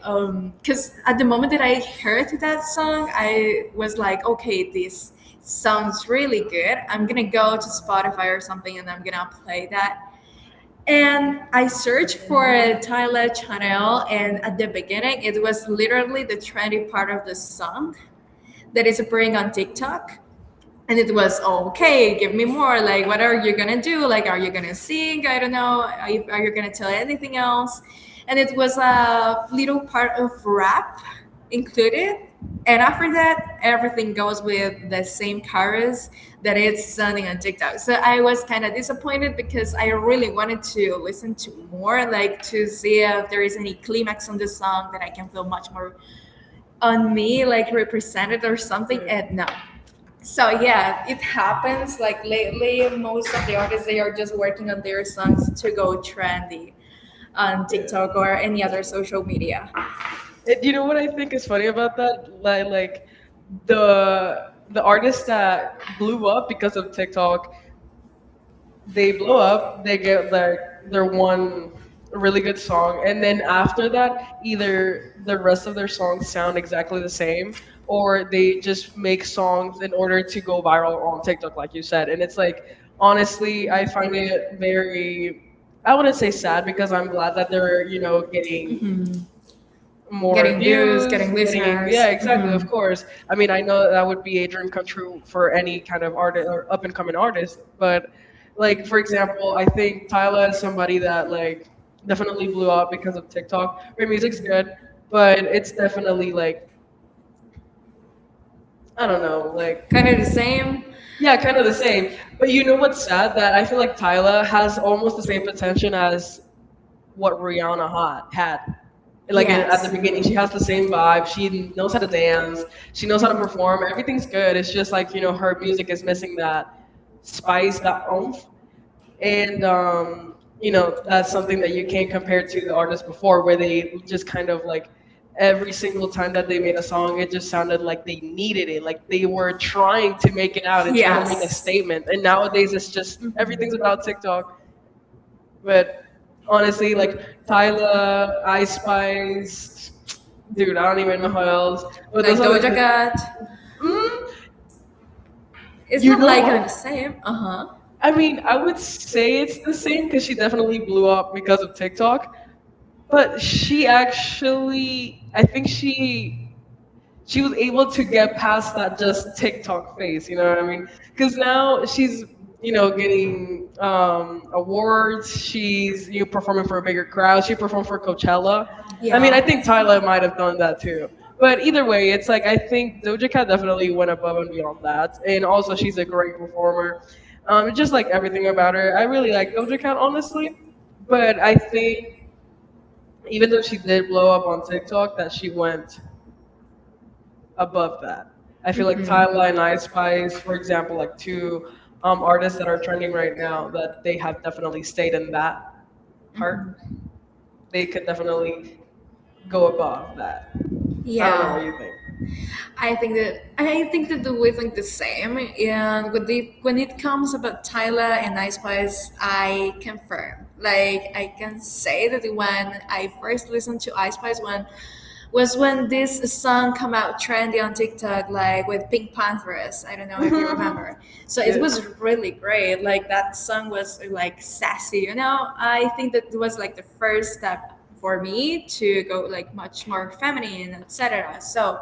Speaker 2: because at the moment that I heard that song, I was like, okay, this sounds really good. I'm gonna go to Spotify or something, and I'm gonna play that. And I searched for Tyler Channel, and at the beginning, it was literally the trendy part of the song that is appearing on TikTok, and it was, "Oh, okay, give me more, like what are you gonna do, like are you gonna sing, I don't know, are you, are you gonna tell anything else?" And it was a little part of rap included, and after that everything goes with the same chorus that it's sounding on TikTok. So I was kind of disappointed because I really wanted to listen to more, like to see if there is any climax on the song that I can feel much more on me like represented or something, and
Speaker 1: Yeah,
Speaker 2: no. So yeah, it happens. Like lately, most of the artists they are just working on their songs to go trendy on
Speaker 1: yeah,
Speaker 2: TikTok or any other social
Speaker 1: definitely.
Speaker 2: media.
Speaker 1: And you know what I think is funny about that? Like, like the the artists that blew up because of TikTok, they
Speaker 2: They
Speaker 1: blow
Speaker 2: blow
Speaker 1: up,
Speaker 2: up.
Speaker 1: they
Speaker 2: They
Speaker 1: get like their
Speaker 2: they're one.
Speaker 1: one really good song, and then after that,
Speaker 2: But
Speaker 1: either the rest of their songs sound exactly the same, or they
Speaker 2: they
Speaker 1: just
Speaker 2: just
Speaker 1: make songs in order to go viral on TikTok, like you said. And it's like, honestly, I find
Speaker 2: find
Speaker 1: it
Speaker 2: it
Speaker 1: very
Speaker 2: very,
Speaker 1: I wouldn't say sad because I'm
Speaker 2: I'm
Speaker 1: glad that
Speaker 2: glad
Speaker 1: they're,
Speaker 2: they're,
Speaker 1: you
Speaker 2: you
Speaker 1: know,
Speaker 2: know, getting,
Speaker 1: getting
Speaker 2: mhm, more,
Speaker 1: more
Speaker 2: getting views,
Speaker 1: views,
Speaker 2: getting
Speaker 1: getting
Speaker 2: listeners.
Speaker 1: yeah,
Speaker 2: Yeah, exactly.
Speaker 1: exactly, of
Speaker 2: Mhm. Of course.
Speaker 1: course. I mean, I know that would be a dream come true for any kind of artist or up and coming artist, but like for example, I think Tyla is somebody that like definitely
Speaker 2: Definitely
Speaker 1: blew
Speaker 2: blow
Speaker 1: up because of TikTok.
Speaker 2: up.
Speaker 1: Her
Speaker 2: Their music's
Speaker 1: music's good,
Speaker 2: good.
Speaker 1: but it's definitely like
Speaker 2: I
Speaker 1: I don't
Speaker 2: don't
Speaker 1: know,
Speaker 2: know,
Speaker 1: like
Speaker 2: like kind of the same.
Speaker 1: yeah,
Speaker 2: Yeah, kind
Speaker 1: kind of
Speaker 2: of
Speaker 1: the
Speaker 2: the
Speaker 1: same.
Speaker 2: same.
Speaker 1: But
Speaker 2: But
Speaker 1: you
Speaker 2: you
Speaker 1: know
Speaker 2: know what?
Speaker 1: what's sad that I
Speaker 2: I
Speaker 1: feel
Speaker 2: feel
Speaker 1: like
Speaker 2: like
Speaker 1: Tyla
Speaker 2: Tata
Speaker 1: has
Speaker 2: has
Speaker 1: almost
Speaker 2: almost
Speaker 1: the same potential as what Rihanna ha- had.
Speaker 2: like,
Speaker 1: Like in, at the
Speaker 2: yes,
Speaker 1: beginning,
Speaker 2: the, she
Speaker 1: she has
Speaker 2: has
Speaker 1: the [LAUGHS]
Speaker 2: the
Speaker 1: same
Speaker 2: same
Speaker 1: vibe.
Speaker 2: vibe.
Speaker 1: She
Speaker 2: She
Speaker 1: knows
Speaker 2: knows
Speaker 1: how
Speaker 2: her
Speaker 1: to dance.
Speaker 2: dance.
Speaker 1: She
Speaker 2: She knows
Speaker 1: knows how to
Speaker 2: her
Speaker 1: perform. Everything's good. It's just like you know her music is missing
Speaker 2: missing
Speaker 1: that
Speaker 2: that. She's
Speaker 1: spice, that
Speaker 2: got
Speaker 1: oomph,
Speaker 2: oomph.
Speaker 1: and um,
Speaker 2: Um, you
Speaker 1: you
Speaker 2: know,
Speaker 1: know that's
Speaker 2: that's
Speaker 1: something that you can't compare to
Speaker 2: to the
Speaker 1: the artists
Speaker 2: artist
Speaker 1: before, where
Speaker 2: where
Speaker 1: they
Speaker 2: they
Speaker 1: just kind of like
Speaker 2: every
Speaker 1: every single
Speaker 2: single time
Speaker 1: time
Speaker 2: that
Speaker 1: that
Speaker 2: they
Speaker 1: they made
Speaker 2: made
Speaker 1: a
Speaker 2: a
Speaker 1: song,
Speaker 2: song,
Speaker 1: it
Speaker 2: they
Speaker 1: just sounded like they needed it, like they were
Speaker 2: were
Speaker 1: trying
Speaker 2: trying to
Speaker 1: to make
Speaker 2: make it
Speaker 1: it
Speaker 2: out.
Speaker 1: out
Speaker 2: And
Speaker 1: and
Speaker 2: make a,
Speaker 1: trying to make a
Speaker 2: yes,
Speaker 1: statement.
Speaker 2: statement.
Speaker 1: And
Speaker 2: And nowadays,
Speaker 1: nowadays, it's
Speaker 2: it's
Speaker 1: just
Speaker 2: just, mm-hmm, everything's
Speaker 1: everything's about
Speaker 2: about
Speaker 1: TikTok.
Speaker 2: TikTok.
Speaker 1: But
Speaker 2: But honestly,
Speaker 1: honestly, like
Speaker 2: like
Speaker 1: Tyla,
Speaker 2: Tyler,
Speaker 1: Ice
Speaker 2: Ice
Speaker 1: Spice,
Speaker 2: Spice,
Speaker 1: dude,
Speaker 2: dude,
Speaker 1: I
Speaker 2: I
Speaker 1: don't
Speaker 2: don't
Speaker 1: even
Speaker 2: even know
Speaker 1: know how
Speaker 2: who
Speaker 1: else.
Speaker 2: else. But
Speaker 1: But
Speaker 2: like
Speaker 1: those are
Speaker 2: Doja
Speaker 1: the,
Speaker 2: Cat.
Speaker 1: the mm,
Speaker 2: It's
Speaker 1: you
Speaker 2: not
Speaker 1: know
Speaker 2: like
Speaker 1: what?
Speaker 2: I'm the same. Uh huh.
Speaker 1: I mean, I would say it's the same
Speaker 2: Same,
Speaker 1: because
Speaker 2: because
Speaker 1: she
Speaker 2: she
Speaker 1: definitely
Speaker 2: definitely
Speaker 1: blew
Speaker 2: blew up
Speaker 1: up because of
Speaker 2: because
Speaker 1: TikTok. But she
Speaker 2: actually
Speaker 1: actually, I think she
Speaker 2: she
Speaker 1: she was able to get
Speaker 2: has
Speaker 1: past
Speaker 2: that
Speaker 1: that just TikTok
Speaker 2: nice,
Speaker 1: phase,
Speaker 2: you
Speaker 1: you
Speaker 2: know
Speaker 1: know
Speaker 2: what
Speaker 1: what I
Speaker 2: I
Speaker 1: mean?
Speaker 2: mean?
Speaker 1: Because now
Speaker 2: Now
Speaker 1: she's,
Speaker 2: she's
Speaker 1: you
Speaker 2: you
Speaker 1: know,
Speaker 2: know
Speaker 1: getting
Speaker 2: getting,
Speaker 1: um,
Speaker 2: um,
Speaker 1: awards. She's, you know, performing for a bigger crowd. She performed for Coachella. I mean, I
Speaker 2: yeah.
Speaker 1: think Tyler might have done that too. But
Speaker 2: But
Speaker 1: either way, it's like I think Doja Cat definitely went above and beyond that, and also she's a great performer. Um, just like everything
Speaker 2: everything about,
Speaker 1: about her, I really like Doja Cat honestly. But
Speaker 2: but
Speaker 1: I
Speaker 2: I
Speaker 1: think
Speaker 2: think
Speaker 1: even though she did blow up on
Speaker 2: um, like,
Speaker 1: TikTok, that she went above that. I
Speaker 2: the,
Speaker 1: feel like
Speaker 2: mhm,
Speaker 1: Tyla and
Speaker 2: timeline,
Speaker 1: I
Speaker 2: I spies,
Speaker 1: Spice, for
Speaker 2: for
Speaker 1: example,
Speaker 2: example,
Speaker 1: like
Speaker 2: like
Speaker 1: two
Speaker 2: two um,
Speaker 1: um, artists
Speaker 2: artists
Speaker 1: that
Speaker 2: that
Speaker 1: are
Speaker 2: are
Speaker 1: trending
Speaker 2: trending
Speaker 1: right
Speaker 2: right now
Speaker 1: now, that
Speaker 2: that
Speaker 1: they
Speaker 2: they
Speaker 1: have definitely stayed in that part. They
Speaker 2: they
Speaker 1: could
Speaker 2: could
Speaker 1: definitely
Speaker 2: definitely go
Speaker 1: go above
Speaker 2: above
Speaker 1: that.
Speaker 2: that.
Speaker 1: I don't know
Speaker 2: Yeah.
Speaker 1: what you
Speaker 2: Um,
Speaker 1: think.
Speaker 2: I think that I think that the way like the same, and when the, when it comes about Tyler and Ice Spice, I confirm. Like I can say that when I first listened to Ice Spice, one was when this song come out trendy on TikTok, like with Pink Panthers. I don't know if you
Speaker 1: [LAUGHS]
Speaker 2: remember. So it
Speaker 1: Yeah,
Speaker 2: was really great. Like that song was like sassy. You know, I think that it was like the first step for me to go like much more feminine, et cetera. So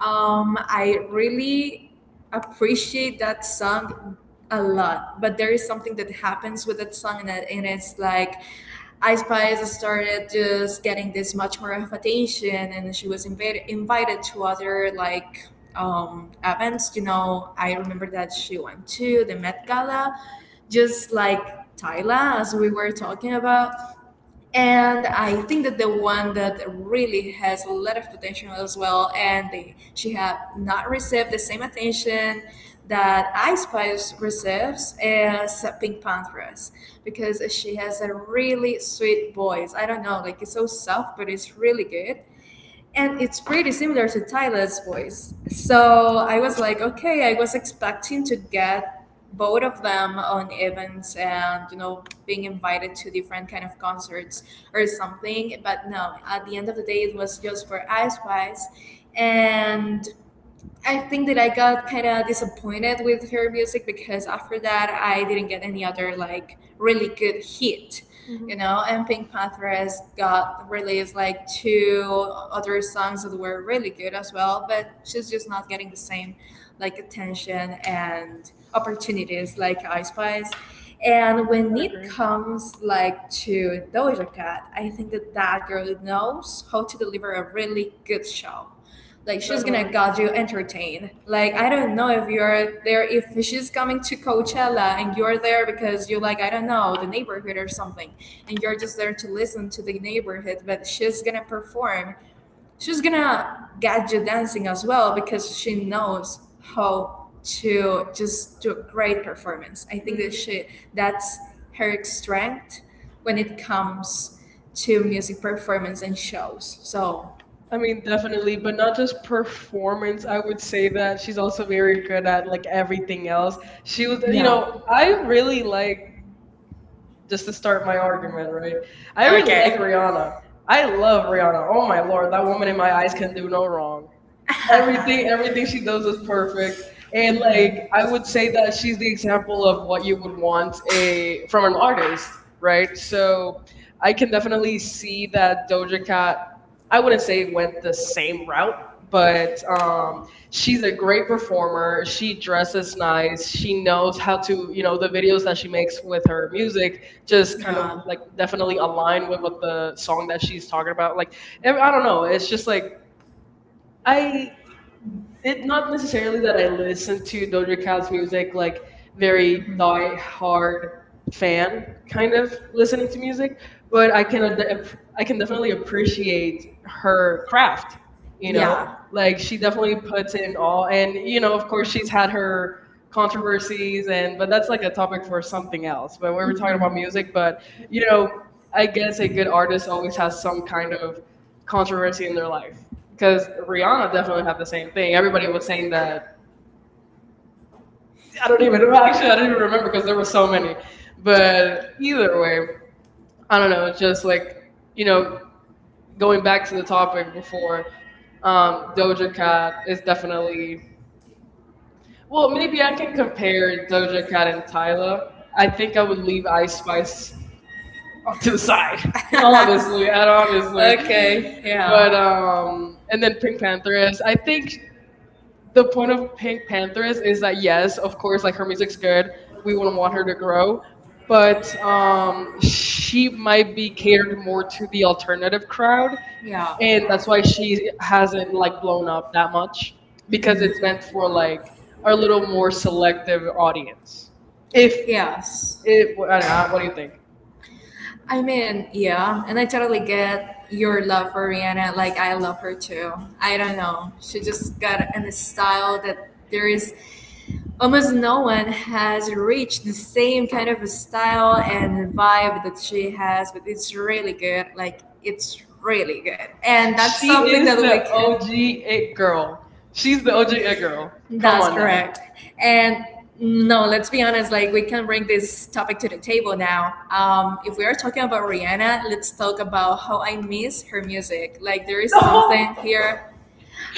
Speaker 2: um, I really appreciate that song a lot, but there is something that happens with that song, and, it- and it's like I Spice started just getting this much more of attention, and she was invited invited to other like um, events. You know, I remember that she went to the Met Gala, just like Tyla, as we were talking about. And I think that the one that really has a lot of potential as well, and they, she have not received the same attention that Ice Spice receives is Pink Panthers because she has a really sweet voice. I don't know, like it's so soft, but it's really good and it's pretty similar to Tyler's voice. So I was like, okay, I was expecting to get both of them on events and you know being invited to different kind of concerts or something, but no, at the end of the day it was just for Ice Spice. And I think that I got kind of disappointed with her music because after that I didn't get any other like really good hit, you know. And Pink Panthers got released like two other songs that were really good as well, but she's just not getting the same like attention and opportunities like I Spice. And when
Speaker 1: I
Speaker 2: it
Speaker 1: agree.
Speaker 2: comes like to Doja Cat, I think that that girl knows how to deliver a really good show. Like she's gonna
Speaker 1: Definitely.
Speaker 2: got you entertained. Like I don't know if you're there, if she's coming to Coachella and you're there because you're like I don't know the neighborhood or something, and you're just there to listen to the neighborhood. But she's gonna perform. She's gonna get you dancing as well because she knows how to just do a great performance. I think that
Speaker 1: Mm.
Speaker 2: she, that's her strength when it comes to music performance and shows. So
Speaker 1: I mean, definitely, but not just performance. I would say that she's also very good at like everything else. She
Speaker 2: yeah.
Speaker 1: was, you know,
Speaker 2: No,
Speaker 1: I
Speaker 2: I
Speaker 1: really
Speaker 2: really
Speaker 1: like
Speaker 2: think
Speaker 1: just to start
Speaker 2: my
Speaker 1: my argument, right?
Speaker 2: argument,
Speaker 1: I
Speaker 2: right?
Speaker 1: really like
Speaker 2: Okay. I love
Speaker 1: Rihanna.
Speaker 2: Rihanna.
Speaker 1: I
Speaker 2: I
Speaker 1: love
Speaker 2: love Rihanna.
Speaker 1: Rihanna. Oh
Speaker 2: Oh
Speaker 1: my
Speaker 2: my
Speaker 1: lord,
Speaker 2: lord,
Speaker 1: that
Speaker 2: that
Speaker 1: woman
Speaker 2: woman
Speaker 1: in
Speaker 2: in my
Speaker 1: my eyes
Speaker 2: eyes
Speaker 1: can
Speaker 2: can,
Speaker 1: do no wrong.
Speaker 2: [LAUGHS] everything,
Speaker 1: Everything, everything
Speaker 2: everything
Speaker 1: she
Speaker 2: she
Speaker 1: does
Speaker 2: does
Speaker 1: is
Speaker 2: is
Speaker 1: perfect.
Speaker 2: perfect.
Speaker 1: And
Speaker 2: And
Speaker 1: like,
Speaker 2: like
Speaker 1: I
Speaker 2: I would
Speaker 1: would say that she's the example of
Speaker 2: do
Speaker 1: what
Speaker 2: what
Speaker 1: you would
Speaker 2: you want
Speaker 1: want
Speaker 2: in
Speaker 1: a from an
Speaker 2: the artist.
Speaker 1: artist, right? So I
Speaker 2: I
Speaker 1: can definitely
Speaker 2: definitely
Speaker 1: see that Doja Cat, I wouldn't say
Speaker 2: they
Speaker 1: went
Speaker 2: went
Speaker 1: the
Speaker 2: the
Speaker 1: same
Speaker 2: same
Speaker 1: route,
Speaker 2: route,
Speaker 1: but
Speaker 2: but
Speaker 1: um,
Speaker 2: um, she's
Speaker 1: she's a
Speaker 2: a great
Speaker 1: great performer.
Speaker 2: performer.
Speaker 1: She dresses nice. She
Speaker 2: She
Speaker 1: knows
Speaker 2: knows
Speaker 1: how
Speaker 2: how
Speaker 1: to,
Speaker 2: to,
Speaker 1: you
Speaker 2: you
Speaker 1: know,
Speaker 2: know,
Speaker 1: the
Speaker 2: the
Speaker 1: videos
Speaker 2: videos
Speaker 1: that
Speaker 2: that
Speaker 1: she
Speaker 2: she,
Speaker 1: makes with her
Speaker 2: her
Speaker 1: music
Speaker 2: music
Speaker 1: just
Speaker 2: just you
Speaker 1: kind of
Speaker 2: know,
Speaker 1: like
Speaker 2: like,
Speaker 1: definitely
Speaker 2: definitely align
Speaker 1: align with what
Speaker 2: with the
Speaker 1: the song
Speaker 2: song that
Speaker 1: that she's
Speaker 2: she's
Speaker 1: talking
Speaker 2: talking
Speaker 1: about.
Speaker 2: about.
Speaker 1: Like, ev-
Speaker 2: Like,
Speaker 1: I
Speaker 2: I
Speaker 1: don't
Speaker 2: don't
Speaker 1: know.
Speaker 2: know,
Speaker 1: It's
Speaker 2: it's just
Speaker 1: just like,
Speaker 2: like I
Speaker 1: I it
Speaker 2: it's
Speaker 1: not
Speaker 2: not
Speaker 1: necessarily
Speaker 2: necessarily that
Speaker 1: that I
Speaker 2: I
Speaker 1: listen to
Speaker 2: listen
Speaker 1: Doja Cat's
Speaker 2: house
Speaker 1: music
Speaker 2: music,
Speaker 1: like very
Speaker 2: dark,
Speaker 1: die hard fan
Speaker 2: and
Speaker 1: kind of listening
Speaker 2: listen.
Speaker 1: to music, but
Speaker 2: But I
Speaker 1: i
Speaker 2: can
Speaker 1: can ad-
Speaker 2: ad-
Speaker 1: ap- i can definitely
Speaker 2: really appreciate,
Speaker 1: appreciate her craft,
Speaker 2: you
Speaker 1: you
Speaker 2: know,
Speaker 1: know
Speaker 2: Yeah. Like,
Speaker 1: like she
Speaker 2: definitely
Speaker 1: definitely
Speaker 2: puts
Speaker 1: puts
Speaker 2: in
Speaker 1: in all.
Speaker 2: all,
Speaker 1: And
Speaker 2: and you
Speaker 1: you know of course she's had her
Speaker 2: know
Speaker 1: controversies,
Speaker 2: controversies,
Speaker 1: and
Speaker 2: and
Speaker 1: but that's like a topic for something else. But we were
Speaker 2: we're
Speaker 1: talking about
Speaker 2: trying
Speaker 1: music.
Speaker 2: music,
Speaker 1: But
Speaker 2: but
Speaker 1: you
Speaker 2: you
Speaker 1: know
Speaker 2: know, I
Speaker 1: I
Speaker 2: guess
Speaker 1: guess
Speaker 2: a
Speaker 1: a good
Speaker 2: good
Speaker 1: artist
Speaker 2: artist always
Speaker 1: always has
Speaker 2: has
Speaker 1: some
Speaker 2: some
Speaker 1: kind
Speaker 2: kind
Speaker 1: of
Speaker 2: of
Speaker 1: controversy
Speaker 2: controversy
Speaker 1: in
Speaker 2: in
Speaker 1: their
Speaker 2: their life,
Speaker 1: life,
Speaker 2: because
Speaker 1: because Rihanna
Speaker 2: Rihanna
Speaker 1: definitely
Speaker 2: definitely
Speaker 1: had
Speaker 2: had
Speaker 1: the same thing. Everybody
Speaker 2: the
Speaker 1: was saying
Speaker 2: same thing.
Speaker 1: that,
Speaker 2: I
Speaker 1: I
Speaker 2: don't
Speaker 1: don't
Speaker 2: even
Speaker 1: even
Speaker 2: know.
Speaker 1: actually
Speaker 2: Actually, I
Speaker 1: I don't
Speaker 2: don't
Speaker 1: even
Speaker 2: even
Speaker 1: remember
Speaker 2: remember
Speaker 1: because
Speaker 2: because
Speaker 1: there
Speaker 2: there
Speaker 1: were
Speaker 2: were
Speaker 1: so
Speaker 2: so many.
Speaker 1: many. But
Speaker 2: But
Speaker 1: either way,
Speaker 2: either, I
Speaker 1: I don't
Speaker 2: don't
Speaker 1: know,
Speaker 2: know.
Speaker 1: it's just
Speaker 2: Just,
Speaker 1: like, you
Speaker 2: you
Speaker 1: know,
Speaker 2: know,
Speaker 1: going
Speaker 2: going
Speaker 1: back
Speaker 2: back
Speaker 1: to the topic
Speaker 2: and
Speaker 1: before,
Speaker 2: forth.
Speaker 1: um,
Speaker 2: Um,
Speaker 1: Doja
Speaker 2: Doja
Speaker 1: Cat
Speaker 2: Cat is
Speaker 1: is definitely,
Speaker 2: definitely,
Speaker 1: well, maybe I
Speaker 2: I
Speaker 1: can
Speaker 2: can
Speaker 1: compare
Speaker 2: compare Doug
Speaker 1: Doja Cat
Speaker 2: at
Speaker 1: and
Speaker 2: the time.
Speaker 1: Tyla. I
Speaker 2: I think
Speaker 1: think I
Speaker 2: I
Speaker 1: would
Speaker 2: would
Speaker 1: leave
Speaker 2: leave
Speaker 1: Ice
Speaker 2: Ice
Speaker 1: Spice
Speaker 2: Spice
Speaker 1: to the side,
Speaker 2: aside. [LAUGHS]
Speaker 1: [LAUGHS] honestly,
Speaker 2: Honestly,
Speaker 1: and
Speaker 2: honestly.
Speaker 1: honestly.
Speaker 2: Okay, yeah.
Speaker 1: But,
Speaker 2: But,
Speaker 1: um,
Speaker 2: um,
Speaker 1: and
Speaker 2: and
Speaker 1: then
Speaker 2: then
Speaker 1: Pink
Speaker 2: pick
Speaker 1: Panther, I think the
Speaker 2: the
Speaker 1: point
Speaker 2: point
Speaker 1: of
Speaker 2: of
Speaker 1: Pink Panther
Speaker 2: Andrew
Speaker 1: is, is that, yes, of course, like
Speaker 2: her
Speaker 1: her music's
Speaker 2: resistance.
Speaker 1: good. We wouldn't
Speaker 2: Everyone,
Speaker 1: want her to grow, but
Speaker 2: but
Speaker 1: um,
Speaker 2: um,
Speaker 1: she might be catered more to the alternative crowd,
Speaker 2: Yeah.
Speaker 1: and that's why she hasn't like blown up that much,
Speaker 2: She had
Speaker 1: because
Speaker 2: this
Speaker 1: it's meant
Speaker 2: for
Speaker 1: for like a
Speaker 2: a
Speaker 1: little
Speaker 2: little
Speaker 1: more
Speaker 2: more so
Speaker 1: selective audience. If
Speaker 2: if, Yes.
Speaker 1: it, I don't know, what do you think?
Speaker 2: That I mean, yeah, and I totally get your love for Rihanna. Like, I love her too. I don't know. She just got in a style that there is almost no one has reached the same kind of a style and vibe that she has, but it's really good. Like, it's really good. And that's
Speaker 1: She
Speaker 2: something that
Speaker 1: is
Speaker 2: we
Speaker 1: the O G
Speaker 2: can.
Speaker 1: it girl. She's the O G it girl. Come
Speaker 2: That's
Speaker 1: on now. [LAUGHS]
Speaker 2: correct. And no, let's be honest, like we can bring this topic to the table now. Um, if we are talking about Rihanna, let's talk about how I miss her music. Like, there is [LAUGHS]
Speaker 1: Oh,
Speaker 2: something here,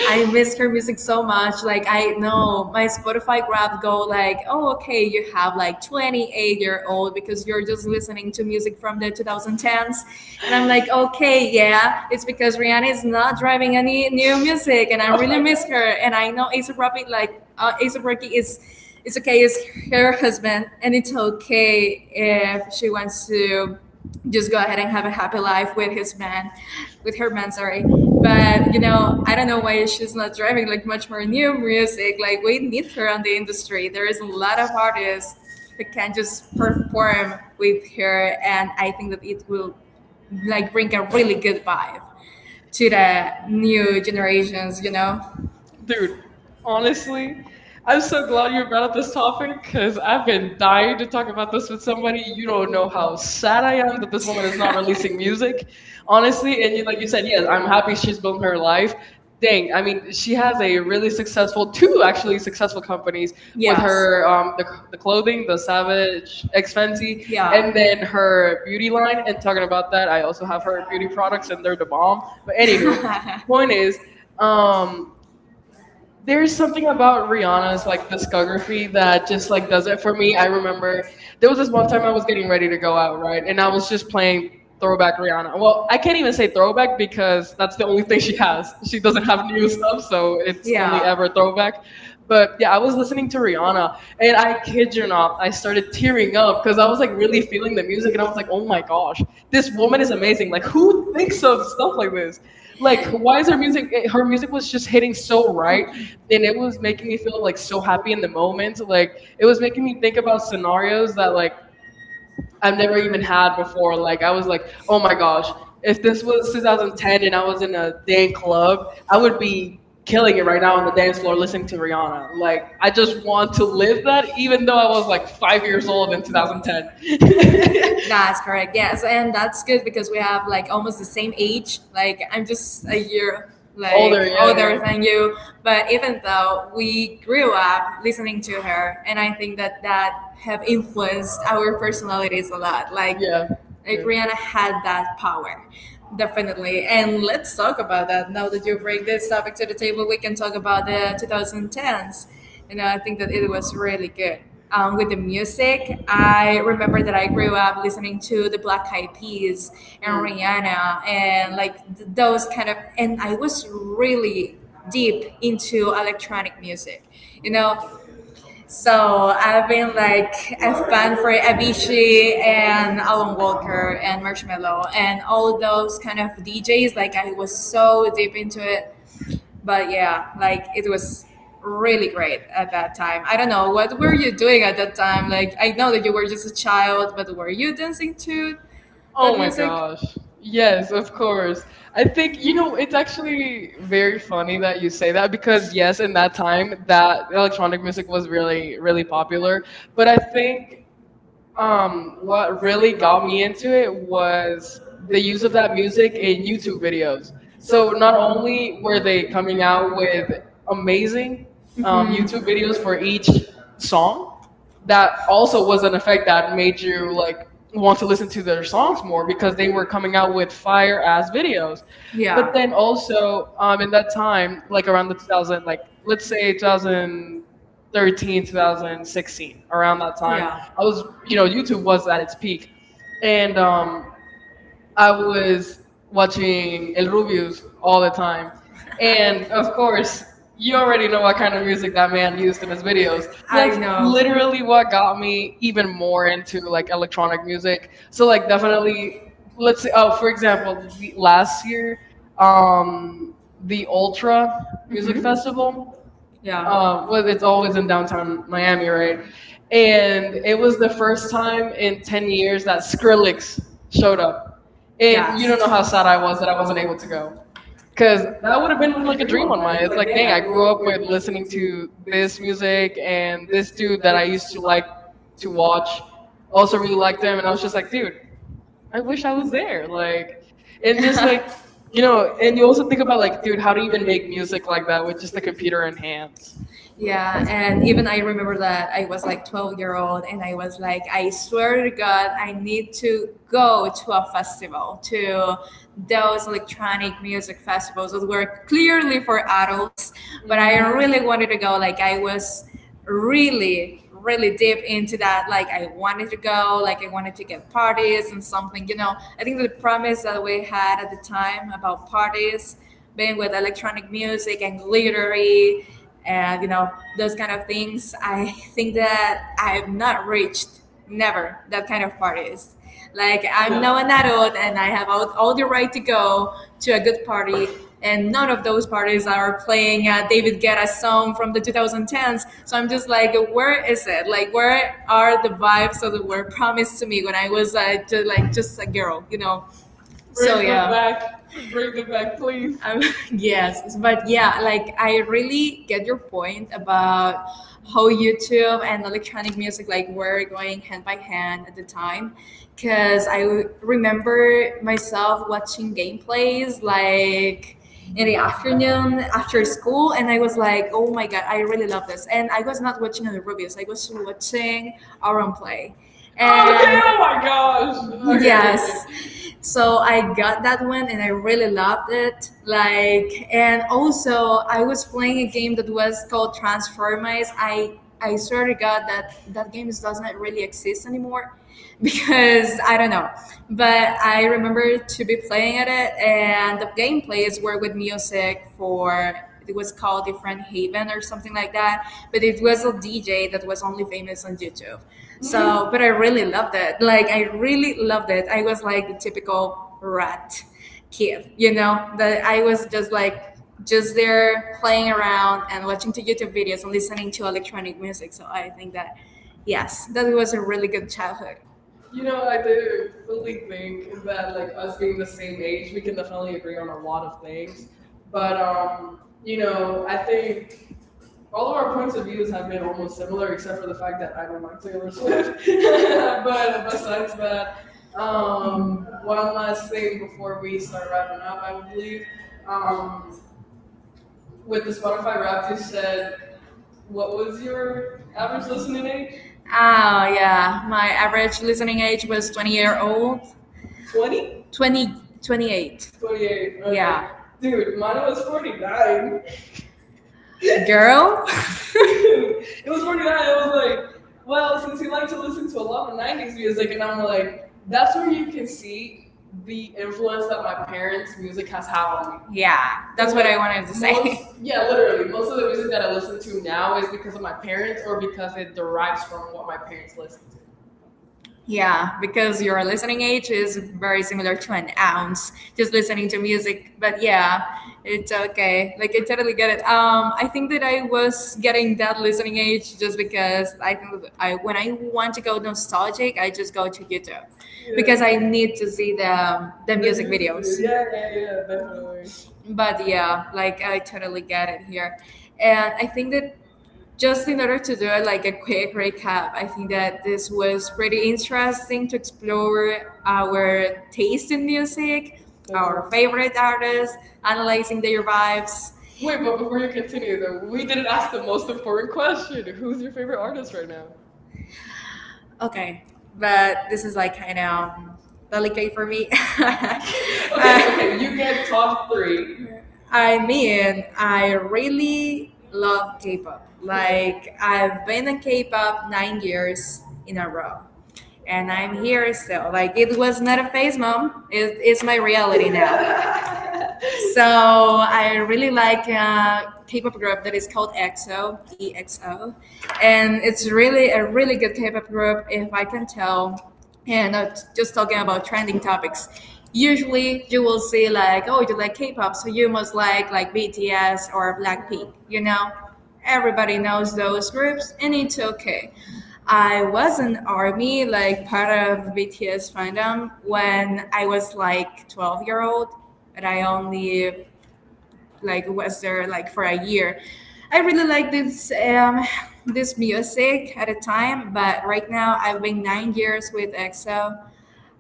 Speaker 2: I miss her music so much. Like, I know my Spotify grab go like, oh, okay, you have like twenty-eight year old because you're just listening to music from the twenty tens, and I'm like, okay, yeah, it's because Rihanna is not driving any new music, and I
Speaker 1: oh
Speaker 2: really
Speaker 1: my
Speaker 2: miss her. And I know ASAP Rocky, like, uh, ASAP Rocky is. It's okay. It's her
Speaker 1: god.
Speaker 2: husband, and it's okay if she wants to just go ahead and have a happy life with his man, with her man, sorry, but you know I don't know why she's not driving like much more new music. Like, we need her on the industry. There is a lot of artists that can just perform with her, and I think that it will like bring a really good vibe to the new generations you know
Speaker 1: Dude, honestly, I'm so glad you brought up this topic because I've been dying to talk about this with somebody. You don't know how sad I am that this woman is not releasing music. Honestly, and you like you said, yes, I'm happy she's built her life. Dang, I mean, she has a really successful, two actually successful companies with
Speaker 2: Yeah,
Speaker 1: her, um, the, the clothing, the Savage, X Fenty, and
Speaker 2: yeah.
Speaker 1: then her beauty line. And talking about that, I also have her beauty products, and they're the bomb. But anywho, point is. Um,
Speaker 2: [LAUGHS] [LAUGHS]
Speaker 1: there's
Speaker 2: There's something
Speaker 1: something about
Speaker 2: about
Speaker 1: Rihanna's
Speaker 2: Rihanna's like
Speaker 1: like discography
Speaker 2: discography
Speaker 1: that
Speaker 2: that
Speaker 1: just
Speaker 2: just
Speaker 1: like
Speaker 2: like
Speaker 1: does
Speaker 2: does
Speaker 1: it
Speaker 2: it
Speaker 1: for
Speaker 2: for me.
Speaker 1: me. I
Speaker 2: I
Speaker 1: remember
Speaker 2: remember
Speaker 1: there
Speaker 2: there
Speaker 1: was
Speaker 2: was
Speaker 1: this
Speaker 2: this
Speaker 1: one
Speaker 2: one time
Speaker 1: time I
Speaker 2: I
Speaker 1: was
Speaker 2: was
Speaker 1: getting
Speaker 2: getting
Speaker 1: ready
Speaker 2: ready
Speaker 1: to
Speaker 2: to go
Speaker 1: go out,
Speaker 2: out,
Speaker 1: right?
Speaker 2: right,
Speaker 1: And
Speaker 2: and
Speaker 1: I
Speaker 2: I
Speaker 1: was
Speaker 2: was
Speaker 1: just
Speaker 2: just
Speaker 1: playing
Speaker 2: playing
Speaker 1: throwback
Speaker 2: throwback
Speaker 1: Rihanna.
Speaker 2: Rihanna.
Speaker 1: Well,
Speaker 2: Well,
Speaker 1: I
Speaker 2: I
Speaker 1: can't even say throwback because that's the only thing she has. She doesn't have
Speaker 2: got
Speaker 1: new
Speaker 2: new
Speaker 1: stuff,
Speaker 2: stuff.
Speaker 1: so it's only ever
Speaker 2: Yeah.
Speaker 1: throwback. But yeah, I was listening to Rihanna and
Speaker 2: And
Speaker 1: I
Speaker 2: I
Speaker 1: kid
Speaker 2: can't,
Speaker 1: you not, I started tearing up because I was like really feeling the music and I was like, "Oh my gosh, this woman is amazing. Like who
Speaker 2: who
Speaker 1: thinks
Speaker 2: thinks
Speaker 1: of
Speaker 2: of
Speaker 1: stuff
Speaker 2: stuff?
Speaker 1: like this?" like why is her music eh, Her
Speaker 2: Her
Speaker 1: music
Speaker 2: music
Speaker 1: was just hitting so right and it was
Speaker 2: makes
Speaker 1: making me
Speaker 2: me
Speaker 1: feel
Speaker 2: feel
Speaker 1: like
Speaker 2: like,
Speaker 1: so happy in the moment. Like it was making
Speaker 2: making
Speaker 1: me
Speaker 2: me
Speaker 1: think
Speaker 2: think
Speaker 1: about
Speaker 2: about
Speaker 1: scenarios
Speaker 2: scenarios
Speaker 1: that
Speaker 2: that
Speaker 1: like
Speaker 2: like
Speaker 1: I've
Speaker 2: I've
Speaker 1: never
Speaker 2: never
Speaker 1: even
Speaker 2: even
Speaker 1: had
Speaker 2: had
Speaker 1: before.
Speaker 2: before.
Speaker 1: Like
Speaker 2: Like,
Speaker 1: I
Speaker 2: I
Speaker 1: was
Speaker 2: was
Speaker 1: like,
Speaker 2: like,
Speaker 1: oh
Speaker 2: oh
Speaker 1: my
Speaker 2: my
Speaker 1: gosh,
Speaker 2: gosh,
Speaker 1: if
Speaker 2: if
Speaker 1: this
Speaker 2: this
Speaker 1: was
Speaker 2: was
Speaker 1: twenty ten
Speaker 2: two thousand ten,
Speaker 1: and I was in a dance club, I would be killing it right now on the
Speaker 2: now,
Speaker 1: dance floor listening to Rihanna. Like
Speaker 2: like
Speaker 1: I just want
Speaker 2: to
Speaker 1: to live
Speaker 2: live
Speaker 1: that, even though I was like five
Speaker 2: five
Speaker 1: years
Speaker 2: years
Speaker 1: old
Speaker 2: old
Speaker 1: in
Speaker 2: in
Speaker 1: two thousand ten.
Speaker 2: twenty ten. [LAUGHS] That's correct. Yes, and that's good because we have like almost the same age. Like, I'm just a year
Speaker 1: [LAUGHS]
Speaker 2: like
Speaker 1: Older,
Speaker 2: Older, yeah,
Speaker 1: yeah,
Speaker 2: older
Speaker 1: yeah,
Speaker 2: than you, but even though, we grew up listening to her, and I think that that have influenced our personalities a lot. Like,
Speaker 1: yeah,
Speaker 2: yeah, like
Speaker 1: yeah.
Speaker 2: Rihanna had that power, definitely. And let's talk about that now that you bring this topic to the table. We can talk about the twenty tens. You know, I think that it was really good um, with the music. I remember that I grew up listening to the Black Eyed Peas and Rihanna and
Speaker 1: Mm.
Speaker 2: like th- those kind of, and I was really deep into electronic music, you know. So I've been like a fan for Avicii and Alan Walker and Marshmello and all those kind of D Js. Like, I was so deep into it, but yeah, like it was really great at that time. I don't know, what were you doing at that time? Like, I know that you were just a child, but were you dancing to that Oh
Speaker 1: Oh
Speaker 2: my
Speaker 1: my
Speaker 2: music? God,
Speaker 1: gosh. Yes, of course. I think, you know, it's actually very funny that you say that because, yes, in that time, that electronic music was really,
Speaker 2: really
Speaker 1: really popular.
Speaker 2: popular. But
Speaker 1: But I
Speaker 2: I
Speaker 1: think
Speaker 2: think
Speaker 1: um,
Speaker 2: um, what
Speaker 1: what really got
Speaker 2: got me
Speaker 1: me into
Speaker 2: into
Speaker 1: it
Speaker 2: it
Speaker 1: was
Speaker 2: was
Speaker 1: the
Speaker 2: the
Speaker 1: use of that music in YouTube videos. So
Speaker 2: so
Speaker 1: not
Speaker 2: not only
Speaker 1: only were they
Speaker 2: coming
Speaker 1: coming out
Speaker 2: out
Speaker 1: with
Speaker 2: with
Speaker 1: amazing um,
Speaker 2: um, Mhm.
Speaker 1: YouTube
Speaker 2: YouTube
Speaker 1: videos for each
Speaker 2: videos,
Speaker 1: song, that also
Speaker 2: also
Speaker 1: was an
Speaker 2: was
Speaker 1: effect that made you
Speaker 2: to
Speaker 1: like
Speaker 2: like
Speaker 1: want to listen to their songs
Speaker 2: songs
Speaker 1: more
Speaker 2: more,
Speaker 1: because they were coming out with fire ass videos. But
Speaker 2: Yeah,
Speaker 1: then also um, in that time, like around the two thousand, like let's say
Speaker 2: than
Speaker 1: twenty thirteen,
Speaker 2: thirteen to
Speaker 1: twenty sixteen,
Speaker 2: sixteen.
Speaker 1: around that time,
Speaker 2: Yeah, I
Speaker 1: I was
Speaker 2: was,
Speaker 1: you
Speaker 2: you
Speaker 1: know
Speaker 2: know
Speaker 1: YouTube was at its peak,
Speaker 2: and,
Speaker 1: and um,
Speaker 2: um, I
Speaker 1: I
Speaker 2: was
Speaker 1: was watching
Speaker 2: watching
Speaker 1: El
Speaker 2: and
Speaker 1: Rubius
Speaker 2: reviews
Speaker 1: all the
Speaker 2: all the
Speaker 1: time.
Speaker 2: time.
Speaker 1: And
Speaker 2: And
Speaker 1: of
Speaker 2: of
Speaker 1: course,
Speaker 2: course
Speaker 1: you
Speaker 2: you
Speaker 1: already
Speaker 2: already
Speaker 1: know
Speaker 2: know what
Speaker 1: what kind
Speaker 2: kind
Speaker 1: of
Speaker 2: of
Speaker 1: music
Speaker 2: music
Speaker 1: that
Speaker 2: that
Speaker 1: man
Speaker 2: man used
Speaker 1: used
Speaker 2: in
Speaker 1: in
Speaker 2: his
Speaker 1: his videos.
Speaker 2: videos.
Speaker 1: So
Speaker 2: So I
Speaker 1: that's
Speaker 2: know.
Speaker 1: literally what got me even more into like electronic music. So
Speaker 2: So
Speaker 1: like definitely let's
Speaker 2: let's
Speaker 1: say
Speaker 2: say,
Speaker 1: oh
Speaker 2: oh,
Speaker 1: for
Speaker 2: for example,
Speaker 1: example, the- last
Speaker 2: last year
Speaker 1: year um
Speaker 2: um
Speaker 1: the Ultra
Speaker 2: Ultra music,
Speaker 1: Music
Speaker 2: Mhm, festival,
Speaker 1: Festival,
Speaker 2: Yeah,
Speaker 1: uh
Speaker 2: uh, but
Speaker 1: was
Speaker 2: it's
Speaker 1: it's
Speaker 2: always
Speaker 1: always in
Speaker 2: in
Speaker 1: downtown
Speaker 2: downtown Miami,
Speaker 1: Miami, right? And
Speaker 2: and
Speaker 1: it
Speaker 2: it's
Speaker 1: was the
Speaker 2: the
Speaker 1: first time
Speaker 2: time in
Speaker 1: in ten
Speaker 2: ten
Speaker 1: years
Speaker 2: years
Speaker 1: that Skrillex
Speaker 2: I showed
Speaker 1: showed up.
Speaker 2: up. And
Speaker 1: And
Speaker 2: Yes,
Speaker 1: you
Speaker 2: you
Speaker 1: don't
Speaker 2: don't
Speaker 1: know
Speaker 2: know that
Speaker 1: how sad I was that I
Speaker 2: I
Speaker 1: wasn't
Speaker 2: wasn't
Speaker 1: able
Speaker 2: able
Speaker 1: to
Speaker 2: to
Speaker 1: go.
Speaker 2: go.
Speaker 1: Because
Speaker 2: Because that
Speaker 1: that would
Speaker 2: would
Speaker 1: have
Speaker 2: have
Speaker 1: been
Speaker 2: been
Speaker 1: like a
Speaker 2: like a
Speaker 1: dream
Speaker 2: dream
Speaker 1: on
Speaker 2: of mine.
Speaker 1: mine. It's
Speaker 2: It's
Speaker 1: like,
Speaker 2: like,
Speaker 1: dang,
Speaker 2: dang,
Speaker 1: I
Speaker 2: I grew
Speaker 1: grew up
Speaker 2: up
Speaker 1: with
Speaker 2: with
Speaker 1: listening
Speaker 2: listening
Speaker 1: to
Speaker 2: to
Speaker 1: this
Speaker 2: this
Speaker 1: music
Speaker 2: music,
Speaker 1: and
Speaker 2: and
Speaker 1: this
Speaker 2: this
Speaker 1: dude
Speaker 2: dude that
Speaker 1: that I
Speaker 2: I used
Speaker 1: used
Speaker 2: to
Speaker 1: to
Speaker 2: like
Speaker 1: like
Speaker 2: to
Speaker 1: to
Speaker 2: watch.
Speaker 1: watch
Speaker 2: Also
Speaker 1: also really
Speaker 2: really liked
Speaker 1: liked
Speaker 2: him.
Speaker 1: him. And I was just like, dude, I wish I was there. Like, and just like, you know, and you also think
Speaker 2: [LAUGHS]
Speaker 1: about
Speaker 2: Like,
Speaker 1: like,
Speaker 2: dude,
Speaker 1: dude, how to even make music like that with just a computer in hands. Like,
Speaker 2: yeah, and even I remember that I was like twelve year old, and I was like, I swear to God, I need to go to a festival, to those electronic music festivals that were clearly for adults, but I
Speaker 1: mm,
Speaker 2: really wanted to go. Like, I was really, really deep into that. Like, I wanted to go, like I wanted to get parties and something, you know. I think the promise that we had at the time about parties being with electronic music and glittery and you know those kind of things, I think that I've not reached never that kind of parties. Like, I'm now an
Speaker 1: no.
Speaker 2: adult and I have all, all the right to go to a good party, and none of those parties are playing a David Guetta song from the twenty tens, so I'm just like, where is it, like where are the vibes that were promised to me when I was uh, just like just a girl you know Bring So
Speaker 1: Bring
Speaker 2: it,
Speaker 1: them
Speaker 2: yeah,
Speaker 1: back.
Speaker 2: back.
Speaker 1: Bring
Speaker 2: Bring
Speaker 1: them
Speaker 2: it
Speaker 1: back,
Speaker 2: back, please.
Speaker 1: please.
Speaker 2: Um, [LAUGHS] yes, but yeah, like I really get your point about how YouTube and electronic music like were going hand by hand at the time. Because I w- remember myself watching gameplays like in the afternoon after school, and I was like, oh my god, I really love this. And I was not watching other reviews, I was watching our own play. Oh,
Speaker 1: Okay,
Speaker 2: and yeah,
Speaker 1: oh my
Speaker 2: oh my
Speaker 1: gosh.
Speaker 2: gosh. Okay.
Speaker 1: Okay, okay,
Speaker 2: Yes, so I got that one and I really loved it. Like, and also I was playing a game that was called Transformers. I I swear to God that that game is- does not really exist anymore [LAUGHS] because I don't know. But I remember to be playing at it, and the gameplays were with music for it was called Different Haven or something like that. But it was a D J that was only famous on YouTube.
Speaker 1: okay.
Speaker 2: So,
Speaker 1: [LAUGHS]
Speaker 2: but I really loved it. Like, I really loved it. I was like the typical rat kid, you know, that I was just like, just there playing around, and watching to YouTube videos and listening to electronic music. So I think that, yes, that was a really good childhood. You
Speaker 1: You
Speaker 2: know
Speaker 1: know,
Speaker 2: what
Speaker 1: I
Speaker 2: I
Speaker 1: do
Speaker 2: do
Speaker 1: fully
Speaker 2: fully
Speaker 1: think
Speaker 2: think is
Speaker 1: that
Speaker 2: that
Speaker 1: like
Speaker 2: like us
Speaker 1: us
Speaker 2: being
Speaker 1: being
Speaker 2: the
Speaker 1: the same
Speaker 2: same
Speaker 1: age,
Speaker 2: age, we
Speaker 1: we can
Speaker 2: can
Speaker 1: definitely
Speaker 2: definitely agree
Speaker 1: agree
Speaker 2: on
Speaker 1: on a
Speaker 2: a
Speaker 1: lot of
Speaker 2: lot of
Speaker 1: things.
Speaker 2: things.
Speaker 1: But
Speaker 2: But
Speaker 1: um,
Speaker 2: um,
Speaker 1: you
Speaker 2: you
Speaker 1: know,
Speaker 2: know,
Speaker 1: I
Speaker 2: I
Speaker 1: think
Speaker 2: think
Speaker 1: all of
Speaker 2: all of
Speaker 1: our
Speaker 2: our points
Speaker 1: points of
Speaker 2: of
Speaker 1: views
Speaker 2: views
Speaker 1: have
Speaker 2: have been
Speaker 1: been
Speaker 2: almost
Speaker 1: almost similar,
Speaker 2: similar,
Speaker 1: except
Speaker 2: except
Speaker 1: for
Speaker 2: for
Speaker 1: the
Speaker 2: the fact
Speaker 1: fact that
Speaker 2: that
Speaker 1: I
Speaker 2: I
Speaker 1: don't
Speaker 2: don't
Speaker 1: like
Speaker 2: like
Speaker 1: Taylor
Speaker 2: Taylor
Speaker 1: Swift.
Speaker 2: Swift. [LAUGHS]
Speaker 1: [LAUGHS] But
Speaker 2: But besides
Speaker 1: besides that,
Speaker 2: that,
Speaker 1: um,
Speaker 2: um, one
Speaker 1: one last
Speaker 2: last
Speaker 1: thing
Speaker 2: thing
Speaker 1: before
Speaker 2: before
Speaker 1: we
Speaker 2: we
Speaker 1: start
Speaker 2: start
Speaker 1: wrapping
Speaker 2: wrapping
Speaker 1: up,
Speaker 2: up,
Speaker 1: I
Speaker 2: I
Speaker 1: would believe,
Speaker 2: believe.
Speaker 1: um,
Speaker 2: Um, with
Speaker 1: with
Speaker 2: the
Speaker 1: the Spotify
Speaker 2: Spotify
Speaker 1: Wrapped,
Speaker 2: rap,
Speaker 1: you
Speaker 2: you
Speaker 1: said,
Speaker 2: said,
Speaker 1: what
Speaker 2: what
Speaker 1: was
Speaker 2: was
Speaker 1: your
Speaker 2: your
Speaker 1: average
Speaker 2: average listening
Speaker 1: listening
Speaker 2: age?
Speaker 1: age?
Speaker 2: Ah, yeah. My average listening age was twenty year old.
Speaker 1: twenty?
Speaker 2: twenty? twenty, twenty-eight.
Speaker 1: twenty eight.
Speaker 2: twenty-eight.
Speaker 1: All
Speaker 2: Okay.
Speaker 1: right.
Speaker 2: Yeah.
Speaker 1: Dude,
Speaker 2: Dude, mine
Speaker 1: mine was
Speaker 2: was
Speaker 1: forty nine.
Speaker 2: forty-nine. Girl. [LAUGHS]
Speaker 1: [LAUGHS]
Speaker 2: It
Speaker 1: It
Speaker 2: was
Speaker 1: was pretty
Speaker 2: pretty
Speaker 1: bad.
Speaker 2: bad. It
Speaker 1: It was
Speaker 2: was
Speaker 1: like,
Speaker 2: like,
Speaker 1: well,
Speaker 2: wow,
Speaker 1: since
Speaker 2: since he
Speaker 1: you like
Speaker 2: likes
Speaker 1: to
Speaker 2: to
Speaker 1: listen
Speaker 2: listen
Speaker 1: to
Speaker 2: to
Speaker 1: a
Speaker 2: a
Speaker 1: lot of
Speaker 2: lot of
Speaker 1: nineties
Speaker 2: nineties
Speaker 1: music,
Speaker 2: music,
Speaker 1: and
Speaker 2: and I'm
Speaker 1: I'm like,
Speaker 2: like, that's
Speaker 1: that's where
Speaker 2: where
Speaker 1: you
Speaker 2: you can
Speaker 1: can see
Speaker 2: see the
Speaker 1: the influence
Speaker 2: influence
Speaker 1: that
Speaker 2: that
Speaker 1: my
Speaker 2: my
Speaker 1: parents'
Speaker 2: parents'
Speaker 1: music
Speaker 2: music
Speaker 1: has
Speaker 2: has had
Speaker 1: had on
Speaker 2: on
Speaker 1: me.
Speaker 2: me. Yeah, that's
Speaker 1: Because,
Speaker 2: what
Speaker 1: like,
Speaker 2: I wanted to say. Most,
Speaker 1: most, yeah,
Speaker 2: yeah,
Speaker 1: literally,
Speaker 2: literally.
Speaker 1: most
Speaker 2: Most
Speaker 1: of
Speaker 2: of
Speaker 1: the
Speaker 2: the
Speaker 1: music
Speaker 2: music
Speaker 1: that
Speaker 2: that
Speaker 1: I
Speaker 2: I
Speaker 1: listen to
Speaker 2: listen to
Speaker 1: now
Speaker 2: now
Speaker 1: is
Speaker 2: is because
Speaker 1: because
Speaker 2: of
Speaker 1: of
Speaker 2: my
Speaker 1: my parents
Speaker 2: parents,
Speaker 1: or
Speaker 2: or
Speaker 1: because
Speaker 2: because
Speaker 1: it
Speaker 2: it
Speaker 1: derives
Speaker 2: derives
Speaker 1: from
Speaker 2: from
Speaker 1: what
Speaker 2: what
Speaker 1: my
Speaker 2: my parents
Speaker 1: parents listen
Speaker 2: listen,
Speaker 1: to.
Speaker 2: yeah, because your listening age is very similar to an ounce, just listening to music. But yeah, it's okay. Like, I totally get it. Um, I think that I was getting that listening age just because I think I when I want to go nostalgic, I just go to YouTube
Speaker 1: Yeah,
Speaker 2: because I need to see the the
Speaker 1: the
Speaker 2: music
Speaker 1: YouTube
Speaker 2: videos.
Speaker 1: videos. Yeah, yeah, yeah, definitely.
Speaker 2: But yeah, like I totally get it here, and I think that just in order to do a, like a quick recap, I think that this was pretty interesting to explore our taste in music, our
Speaker 1: Definitely.
Speaker 2: favorite artists, analyzing their vibes. Wait,
Speaker 1: Wait, but
Speaker 2: but
Speaker 1: before
Speaker 2: before
Speaker 1: you
Speaker 2: you
Speaker 1: continue,
Speaker 2: continue, though,
Speaker 1: though, we
Speaker 2: we
Speaker 1: didn't
Speaker 2: didn't
Speaker 1: ask
Speaker 2: ask
Speaker 1: the
Speaker 2: the
Speaker 1: most
Speaker 2: most
Speaker 1: important
Speaker 2: important
Speaker 1: question.
Speaker 2: question.
Speaker 1: Who's
Speaker 2: Who's
Speaker 1: your
Speaker 2: your
Speaker 1: favorite
Speaker 2: favorite
Speaker 1: artist
Speaker 2: artist
Speaker 1: right
Speaker 2: right now?
Speaker 1: now?
Speaker 2: Okay, but this is like kind of delicate for me. [LAUGHS]
Speaker 1: Okay, okay,
Speaker 2: Okay,
Speaker 1: you
Speaker 2: you
Speaker 1: get
Speaker 2: get
Speaker 1: top
Speaker 2: top
Speaker 1: three.
Speaker 2: three. I mean, I really love K-pop.
Speaker 1: Okay.
Speaker 2: Like, I've been in K-pop nine years in a row, and I'm here still. Like, it was not a phase, mom. It, it's my reality now. So
Speaker 1: [LAUGHS]
Speaker 2: I really like a K-pop group that is called E X O, EXO, and it's really a really good K-pop group if I can tell. And uh, Just talking about trending topics, usually you will see like, oh, you like K-pop, so you must like like B T S or
Speaker 1: Mhm.
Speaker 2: Blackpink. You know, everybody knows those groups, and it's okay. I was an army, like part of B T S fandom,
Speaker 1: Okay.
Speaker 2: when I was like twelve year old, but I only like was there like for a year. I really like this um, [SIGHS] this music at a time, but right now I've been nine years with E X O.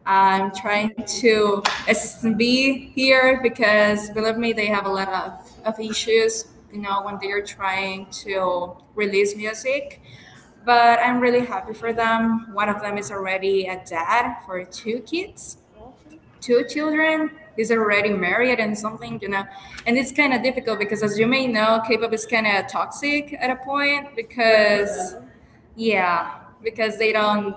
Speaker 2: I'm trying
Speaker 1: Nice.
Speaker 2: to s- be here because believe me, they have a lot of, of issues, you know, when they're trying to release music. But I'm really happy for them. One of them is already a dad for two kids
Speaker 1: Awesome.
Speaker 2: two children. He's already married and something, you know, and it's kind of difficult because, as you may know, K-pop is kind of toxic at a point
Speaker 1: Like their
Speaker 2: because,
Speaker 1: fandom.
Speaker 2: yeah, because they don't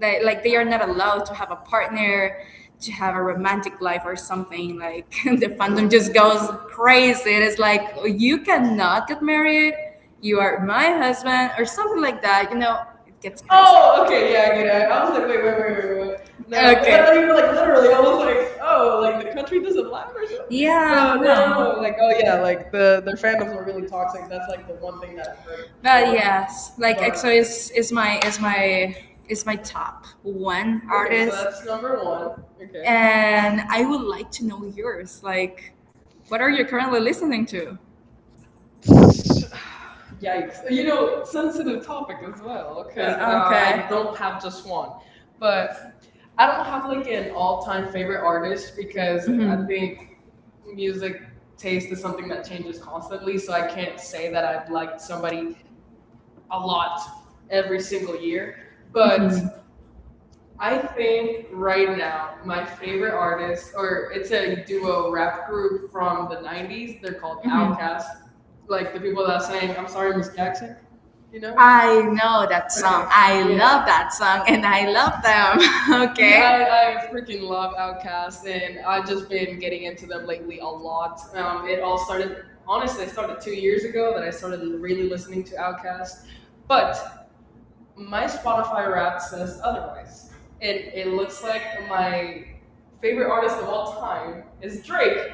Speaker 2: they like they are not allowed to have a partner, to have a romantic life or something. Like [LAUGHS] the fandom just goes crazy. It is like you cannot get married. You are my husband or something like that. You know, it gets crazy.
Speaker 1: Oh,
Speaker 2: Oh,
Speaker 1: okay,
Speaker 2: okay,
Speaker 1: yeah,
Speaker 2: yeah, I
Speaker 1: I get
Speaker 2: get
Speaker 1: it. I
Speaker 2: it.
Speaker 1: I
Speaker 2: I
Speaker 1: was
Speaker 2: was
Speaker 1: like,
Speaker 2: like,
Speaker 1: wait,
Speaker 2: wait,
Speaker 1: wait, wait,
Speaker 2: wait,
Speaker 1: wait,
Speaker 2: wait, wait,
Speaker 1: what?
Speaker 2: wait.
Speaker 1: No, because
Speaker 2: Okay.
Speaker 1: I
Speaker 2: And I
Speaker 1: thought
Speaker 2: thought
Speaker 1: you
Speaker 2: you
Speaker 1: were
Speaker 2: were
Speaker 1: like
Speaker 2: like
Speaker 1: literally.
Speaker 2: literally
Speaker 1: I was
Speaker 2: almost
Speaker 1: like,
Speaker 2: like,
Speaker 1: oh,
Speaker 2: oh,
Speaker 1: like
Speaker 2: like
Speaker 1: the
Speaker 2: the
Speaker 1: country
Speaker 2: country
Speaker 1: doesn't
Speaker 2: doesn't
Speaker 1: laugh
Speaker 2: lie.
Speaker 1: or something.
Speaker 2: Yeah, oh, no,
Speaker 1: No,
Speaker 2: no.
Speaker 1: no, no, no.
Speaker 2: I'm
Speaker 1: Like,
Speaker 2: like,
Speaker 1: oh
Speaker 2: oh
Speaker 1: yeah,
Speaker 2: yeah,
Speaker 1: like
Speaker 2: the
Speaker 1: the their
Speaker 2: fans
Speaker 1: fandoms are
Speaker 2: were
Speaker 1: really
Speaker 2: really
Speaker 1: toxic.
Speaker 2: toxic.
Speaker 1: That's
Speaker 2: That's
Speaker 1: like
Speaker 2: like
Speaker 1: the
Speaker 2: the
Speaker 1: one
Speaker 2: one
Speaker 1: thing
Speaker 2: thing
Speaker 1: that
Speaker 2: that.
Speaker 1: I've heard for
Speaker 2: But
Speaker 1: sure.
Speaker 2: yes, like
Speaker 1: But
Speaker 2: E X O is is my is my is my top one. Okay, so
Speaker 1: okay, so
Speaker 2: artist, so
Speaker 1: that's
Speaker 2: that's
Speaker 1: number
Speaker 2: number one.
Speaker 1: one.
Speaker 2: Okay, and I would like to know yours. Like, what are you currently listening to?
Speaker 1: Okay. [LAUGHS] Yikes.
Speaker 2: Yikes. And,
Speaker 1: You
Speaker 2: You
Speaker 1: know,
Speaker 2: know,
Speaker 1: sensitive
Speaker 2: sensitive topic
Speaker 1: topic as
Speaker 2: as
Speaker 1: well,
Speaker 2: well. Because,
Speaker 1: because
Speaker 2: okay,
Speaker 1: uh, I
Speaker 2: I, okay,
Speaker 1: don't
Speaker 2: don't
Speaker 1: have
Speaker 2: have
Speaker 1: just
Speaker 2: just one.
Speaker 1: one. But
Speaker 2: But
Speaker 1: I
Speaker 2: I
Speaker 1: don't
Speaker 2: don't
Speaker 1: have
Speaker 2: have
Speaker 1: like
Speaker 2: like
Speaker 1: an
Speaker 2: an
Speaker 1: all
Speaker 2: all
Speaker 1: time
Speaker 2: time
Speaker 1: favorite
Speaker 2: favorite
Speaker 1: artist
Speaker 2: artist because
Speaker 1: because I
Speaker 2: Mhm. I hmm
Speaker 1: think
Speaker 2: think
Speaker 1: music
Speaker 2: music taste
Speaker 1: taste is
Speaker 2: is
Speaker 1: something
Speaker 2: something
Speaker 1: that
Speaker 2: that
Speaker 1: changes
Speaker 2: changes
Speaker 1: constantly.
Speaker 2: constantly.
Speaker 1: So
Speaker 2: So
Speaker 1: I
Speaker 2: I
Speaker 1: can't
Speaker 2: can't
Speaker 1: say
Speaker 2: say
Speaker 1: that
Speaker 2: that
Speaker 1: I've
Speaker 2: I've
Speaker 1: liked
Speaker 2: liked
Speaker 1: somebody
Speaker 2: somebody a
Speaker 1: a lot
Speaker 2: lot
Speaker 1: every
Speaker 2: every
Speaker 1: single
Speaker 2: single
Speaker 1: year.
Speaker 2: year. But,
Speaker 1: But
Speaker 2: mm-hmm, I
Speaker 1: I think
Speaker 2: think
Speaker 1: right
Speaker 2: right now
Speaker 1: now, my
Speaker 2: my favorite
Speaker 1: favorite artist,
Speaker 2: artist,
Speaker 1: or
Speaker 2: or
Speaker 1: it's
Speaker 2: it's
Speaker 1: a
Speaker 2: a
Speaker 1: duo
Speaker 2: duo
Speaker 1: rap
Speaker 2: rap
Speaker 1: group
Speaker 2: group
Speaker 1: from
Speaker 2: from
Speaker 1: the
Speaker 2: the
Speaker 1: nineties,
Speaker 2: nineties.
Speaker 1: they're
Speaker 2: They're
Speaker 1: called
Speaker 2: called, Mhm. Outkast.
Speaker 1: Outkast.
Speaker 2: Like
Speaker 1: Like
Speaker 2: the
Speaker 1: the
Speaker 2: people
Speaker 1: people that
Speaker 2: that sang
Speaker 1: sang, I'm
Speaker 2: "I'm
Speaker 1: sorry,
Speaker 2: Sorry,
Speaker 1: Miss
Speaker 2: Miss Jackson."
Speaker 1: Jackson, you
Speaker 2: You know.
Speaker 1: know?
Speaker 2: I know that
Speaker 1: Okay.
Speaker 2: song. I, yeah,
Speaker 1: Yeah.
Speaker 2: love that song and I love them. [LAUGHS] Okay.
Speaker 1: Yeah, I, I
Speaker 2: I, I
Speaker 1: freaking
Speaker 2: freaking
Speaker 1: love
Speaker 2: love
Speaker 1: Outkast
Speaker 2: Outkast,
Speaker 1: and
Speaker 2: and
Speaker 1: I have
Speaker 2: I've
Speaker 1: just
Speaker 2: just
Speaker 1: been
Speaker 2: been
Speaker 1: getting
Speaker 2: getting
Speaker 1: into
Speaker 2: into
Speaker 1: them
Speaker 2: it lately
Speaker 1: lately
Speaker 2: a
Speaker 1: a lot.
Speaker 2: lot.
Speaker 1: Um,
Speaker 2: Um,
Speaker 1: it
Speaker 2: it
Speaker 1: all
Speaker 2: all
Speaker 1: started,
Speaker 2: started,
Speaker 1: honestly,
Speaker 2: honestly,
Speaker 1: it
Speaker 2: it
Speaker 1: started
Speaker 2: started
Speaker 1: two
Speaker 2: two years
Speaker 1: years ago
Speaker 2: ago
Speaker 1: that
Speaker 2: that I
Speaker 1: I started
Speaker 2: started
Speaker 1: l- really
Speaker 2: really
Speaker 1: listening
Speaker 2: listening
Speaker 1: to
Speaker 2: to
Speaker 1: Outkast,
Speaker 2: Outkast.
Speaker 1: but
Speaker 2: But
Speaker 1: my
Speaker 2: my
Speaker 1: Spotify
Speaker 2: Spotify
Speaker 1: rap
Speaker 2: rap
Speaker 1: says
Speaker 2: says
Speaker 1: otherwise.
Speaker 2: otherwise.
Speaker 1: And
Speaker 2: It, it
Speaker 1: it looks
Speaker 2: looks like
Speaker 1: like my
Speaker 2: my favorite
Speaker 1: favorite
Speaker 2: artist
Speaker 1: artist of
Speaker 2: of
Speaker 1: all
Speaker 2: all time
Speaker 1: time is
Speaker 2: is
Speaker 1: Drake.
Speaker 2: Drake.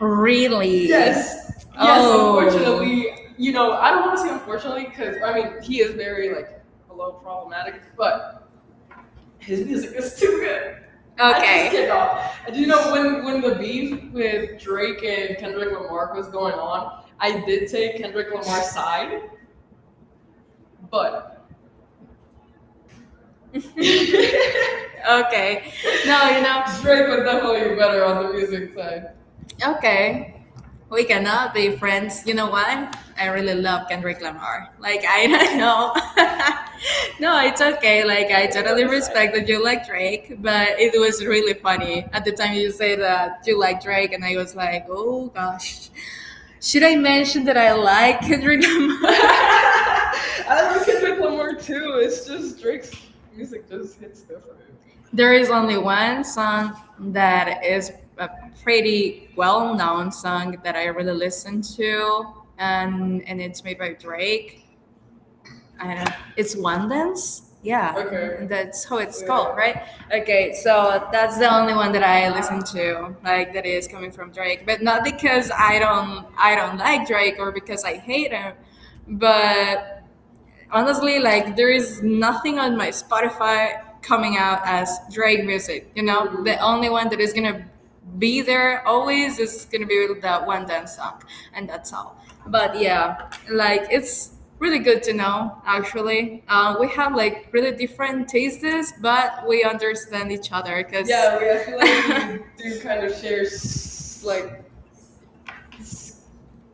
Speaker 2: Really?
Speaker 1: Yes.
Speaker 2: Yes.
Speaker 1: Yes,
Speaker 2: Oh. Yes,
Speaker 1: unfortunately,
Speaker 2: unfortunately,
Speaker 1: you
Speaker 2: you know,
Speaker 1: know,
Speaker 2: I
Speaker 1: I don't
Speaker 2: don't
Speaker 1: want
Speaker 2: want
Speaker 1: to
Speaker 2: to
Speaker 1: say
Speaker 2: say unfortunately
Speaker 1: unfortunately because
Speaker 2: because,
Speaker 1: I
Speaker 2: I
Speaker 1: mean,
Speaker 2: mean,
Speaker 1: he
Speaker 2: he
Speaker 1: is
Speaker 2: is
Speaker 1: very
Speaker 2: very,
Speaker 1: like
Speaker 2: like,
Speaker 1: a little problematic,
Speaker 2: problematic,
Speaker 1: but
Speaker 2: but
Speaker 1: his
Speaker 2: his
Speaker 1: music
Speaker 2: music
Speaker 1: is
Speaker 2: is too
Speaker 1: too good.
Speaker 2: good.
Speaker 1: I just
Speaker 2: Okay.
Speaker 1: cannot.
Speaker 2: Do
Speaker 1: Do
Speaker 2: you
Speaker 1: you know
Speaker 2: know
Speaker 1: when
Speaker 2: when, when
Speaker 1: when the
Speaker 2: the
Speaker 1: beef
Speaker 2: beef
Speaker 1: with
Speaker 2: with Drake
Speaker 1: Drake and
Speaker 2: and
Speaker 1: Kendrick
Speaker 2: Kendrick
Speaker 1: Lamar
Speaker 2: Lamar
Speaker 1: was
Speaker 2: was going
Speaker 1: going on?
Speaker 2: on,
Speaker 1: I
Speaker 2: I
Speaker 1: did
Speaker 2: did
Speaker 1: take
Speaker 2: take Kendrick
Speaker 1: Kendrick Lamar's
Speaker 2: Lamar's
Speaker 1: side,
Speaker 2: side,
Speaker 1: but
Speaker 2: but [LAUGHS]
Speaker 1: [LAUGHS]
Speaker 2: okay.
Speaker 1: Drake
Speaker 2: No, you know. Drake
Speaker 1: was
Speaker 2: was
Speaker 1: definitely
Speaker 2: definitely
Speaker 1: better
Speaker 2: better
Speaker 1: on the
Speaker 2: on the
Speaker 1: music
Speaker 2: music
Speaker 1: side.
Speaker 2: side. Okay. We cannot be friends. You know what? I really love Kendrick Lamar. Like I don't know. [LAUGHS] No, it's okay. Like I
Speaker 1: Than
Speaker 2: totally
Speaker 1: his side.
Speaker 2: respect that you like Drake, but it was really funny. At the time you said that you like Drake and I was like, "Oh gosh. Should I mention that I like Kendrick Lamar?" [LAUGHS] I
Speaker 1: [LAUGHS] I like
Speaker 2: don't think
Speaker 1: Kendrick
Speaker 2: Kendrick
Speaker 1: Lamar
Speaker 2: Lamar too.
Speaker 1: too. It's
Speaker 2: It's
Speaker 1: just
Speaker 2: just Drake's
Speaker 1: Drake's music
Speaker 2: music
Speaker 1: just
Speaker 2: just
Speaker 1: hits
Speaker 2: hits.
Speaker 1: different.
Speaker 2: There is only one song that is a pretty well known song that I really listen to, and and it's made by Drake. I don't. It's One Dance. Yeah,
Speaker 1: Okay.
Speaker 2: okay, that's how it's
Speaker 1: Yeah.
Speaker 2: called, right? Okay, so that's the only one that I listen to, like that is coming from Drake, but not because I don't I don't like Drake or because I hate him, but honestly, like there is nothing on my Spotify coming out as Drake music. You know,
Speaker 1: Hmm.
Speaker 2: the only one that is gonna be there always is gonna be that one dance song, and that's all. But yeah, like it's really good to know. Actually, uh, we have like really different tastes, but we understand each other because,
Speaker 1: Yeah, we, I feel
Speaker 2: yeah, we
Speaker 1: like we
Speaker 2: actually [LAUGHS]
Speaker 1: do
Speaker 2: do
Speaker 1: kind
Speaker 2: kind
Speaker 1: of
Speaker 2: of
Speaker 1: share
Speaker 2: share
Speaker 1: s-
Speaker 2: s-
Speaker 1: like
Speaker 2: like
Speaker 1: s-
Speaker 2: s-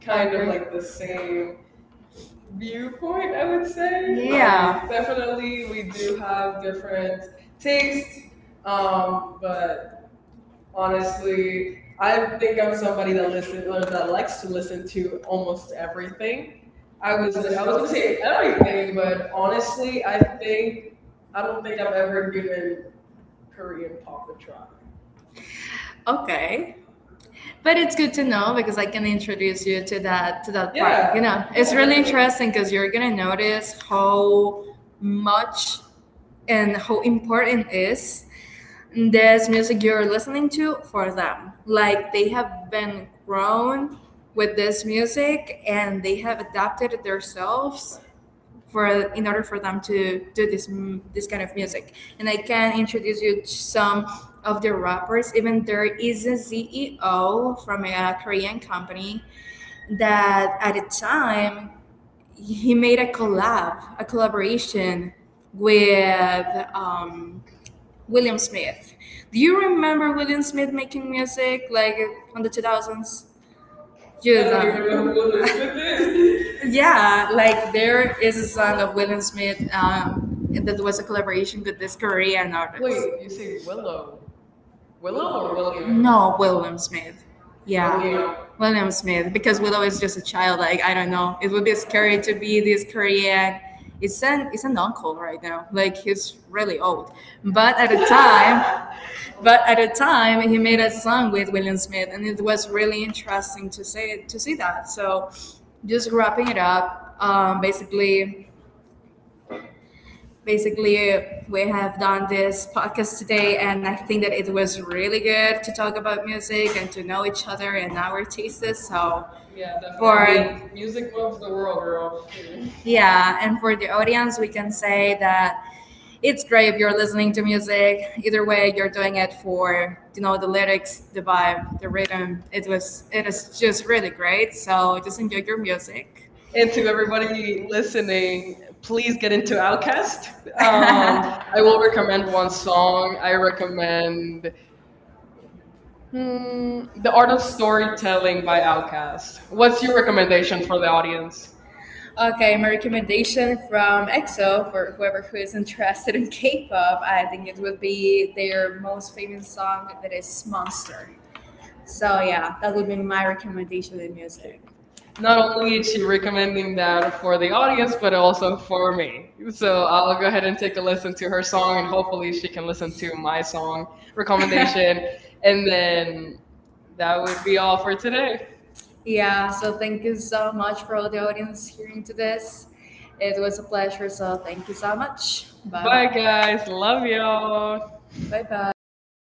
Speaker 1: kind
Speaker 2: kind
Speaker 1: of
Speaker 2: of
Speaker 1: like
Speaker 2: like
Speaker 1: the
Speaker 2: the
Speaker 1: same
Speaker 2: same
Speaker 1: viewpoint,
Speaker 2: viewpoint,
Speaker 1: I
Speaker 2: I
Speaker 1: would
Speaker 2: would
Speaker 1: say.
Speaker 2: say.
Speaker 1: Like,
Speaker 2: Yeah. Like, definitely,
Speaker 1: definitely we
Speaker 2: we
Speaker 1: do
Speaker 2: do
Speaker 1: have
Speaker 2: have
Speaker 1: different
Speaker 2: different
Speaker 1: tastes.
Speaker 2: tastes,
Speaker 1: Um,
Speaker 2: um,
Speaker 1: but
Speaker 2: but
Speaker 1: honestly,
Speaker 2: honestly,
Speaker 1: I
Speaker 2: I
Speaker 1: think
Speaker 2: think
Speaker 1: I'm
Speaker 2: I'm somebody
Speaker 1: somebody that
Speaker 2: that
Speaker 1: listen
Speaker 2: listens,
Speaker 1: or that
Speaker 2: that likes
Speaker 1: likes
Speaker 2: to
Speaker 1: to listen
Speaker 2: listen
Speaker 1: to
Speaker 2: to
Speaker 1: almost
Speaker 2: almost
Speaker 1: everything.
Speaker 2: everything.
Speaker 1: I
Speaker 2: I
Speaker 1: was
Speaker 2: was
Speaker 1: I
Speaker 2: I
Speaker 1: was
Speaker 2: was
Speaker 1: gonna
Speaker 2: gonna
Speaker 1: say
Speaker 2: say
Speaker 1: everything,
Speaker 2: everything,
Speaker 1: but
Speaker 2: but
Speaker 1: honestly,
Speaker 2: honestly,
Speaker 1: I
Speaker 2: I
Speaker 1: think
Speaker 2: think
Speaker 1: I
Speaker 2: I
Speaker 1: don't
Speaker 2: don't
Speaker 1: think
Speaker 2: think
Speaker 1: I've
Speaker 2: I've
Speaker 1: ever
Speaker 2: ever
Speaker 1: given
Speaker 2: given
Speaker 1: Korean
Speaker 2: Korean
Speaker 1: pop
Speaker 2: pop
Speaker 1: a
Speaker 2: a
Speaker 1: try.
Speaker 2: try. Okay. But it's good to know because I can introduce you to that to that part.
Speaker 1: Yeah,
Speaker 2: Yeah. You know,
Speaker 1: yeah,
Speaker 2: it's really
Speaker 1: definitely.
Speaker 2: interesting because you're gonna notice how much and how important is this music you're listening to for them. Like they have been grown with this music and they have adapted it themselves for in order for them to do this m- this kind of music. And I can introduce you to some of the rappers. Even there is a C E O from a Korean company that at the time he made a collab, a collaboration with um, William Smith. Do you remember William Smith making music like on the two thousands? You
Speaker 1: I don't even know who
Speaker 2: don't.
Speaker 1: Willow Smith is. [LAUGHS]
Speaker 2: [LAUGHS] Yeah, like there is a song of William Smith, um, and that was a collaboration with this Korean artist.
Speaker 1: Wait,
Speaker 2: Wait,
Speaker 1: you
Speaker 2: you
Speaker 1: say
Speaker 2: say Willow?
Speaker 1: Willow? Willow
Speaker 2: Willow
Speaker 1: or
Speaker 2: or William?
Speaker 1: William?
Speaker 2: No, William Smith. Yeah, William.
Speaker 1: William.
Speaker 2: William Smith. Because Willow is just a child. Like I don't know. It would be scary to be this Korean. It's an it's an uncle right now. Like he's really old. But at a time, [LAUGHS] but at a time, he made a song with William Smith, and it was really interesting to see to see that. So, just wrapping it up. Um, basically, Basically, we have done this podcast today, and I think that it was really good to talk about music and to know each other and our tastes. So,
Speaker 1: Yeah, definitely. I mean,
Speaker 2: for
Speaker 1: music moves the world, girl. [LAUGHS] Shit.
Speaker 2: yeah, and for the audience, we can say that it's great if you're listening to music. Either way, you're doing it for you know the lyrics, the vibe, the rhythm. It was it is just really great. So just enjoy your music
Speaker 1: And to everybody listening, please get into Outkast.
Speaker 2: outcast. Um, [LAUGHS]
Speaker 1: Um,
Speaker 2: I
Speaker 1: I will
Speaker 2: will
Speaker 1: recommend
Speaker 2: recommend
Speaker 1: one
Speaker 2: one
Speaker 1: song.
Speaker 2: song.
Speaker 1: I recommend, hmm,
Speaker 2: Mm,
Speaker 1: The Art of
Speaker 2: of Storm
Speaker 1: Storytelling by
Speaker 2: by
Speaker 1: Outkast.
Speaker 2: Outcast.
Speaker 1: What's your recommendation for the audience?
Speaker 2: Audience. Okay, my recommendation from E X O for whoever who is interested in K-pop, I think it would be their most famous song that is Monster. So yeah, that would be my recommendation in
Speaker 1: Okay.
Speaker 2: music.
Speaker 1: Not
Speaker 2: Not
Speaker 1: only
Speaker 2: only
Speaker 1: is
Speaker 2: is
Speaker 1: she
Speaker 2: she
Speaker 1: recommending
Speaker 2: recommending
Speaker 1: that
Speaker 2: that for
Speaker 1: for the
Speaker 2: the audience,
Speaker 1: audience,
Speaker 2: but
Speaker 1: but also for me. So I'll
Speaker 2: I'll go
Speaker 1: go ahead and
Speaker 2: ahead
Speaker 1: take a listen to her song,
Speaker 2: and
Speaker 1: and hopefully
Speaker 2: hopefully
Speaker 1: she
Speaker 2: she can
Speaker 1: can listen
Speaker 2: listen
Speaker 1: to
Speaker 2: to
Speaker 1: my
Speaker 2: my
Speaker 1: song
Speaker 2: song
Speaker 1: recommendation.
Speaker 2: recommendation [LAUGHS]
Speaker 1: And
Speaker 2: and then
Speaker 1: then that
Speaker 2: that
Speaker 1: would
Speaker 2: would be
Speaker 1: be all
Speaker 2: all
Speaker 1: for
Speaker 2: for
Speaker 1: today.
Speaker 2: today. Yeah, so thank you so much for all the audience hearing to this. It was a pleasure, so thank you so much. Bye.
Speaker 1: Bye,
Speaker 2: Bye, bye guys.
Speaker 1: guys. Love y'all.
Speaker 2: Bye bye.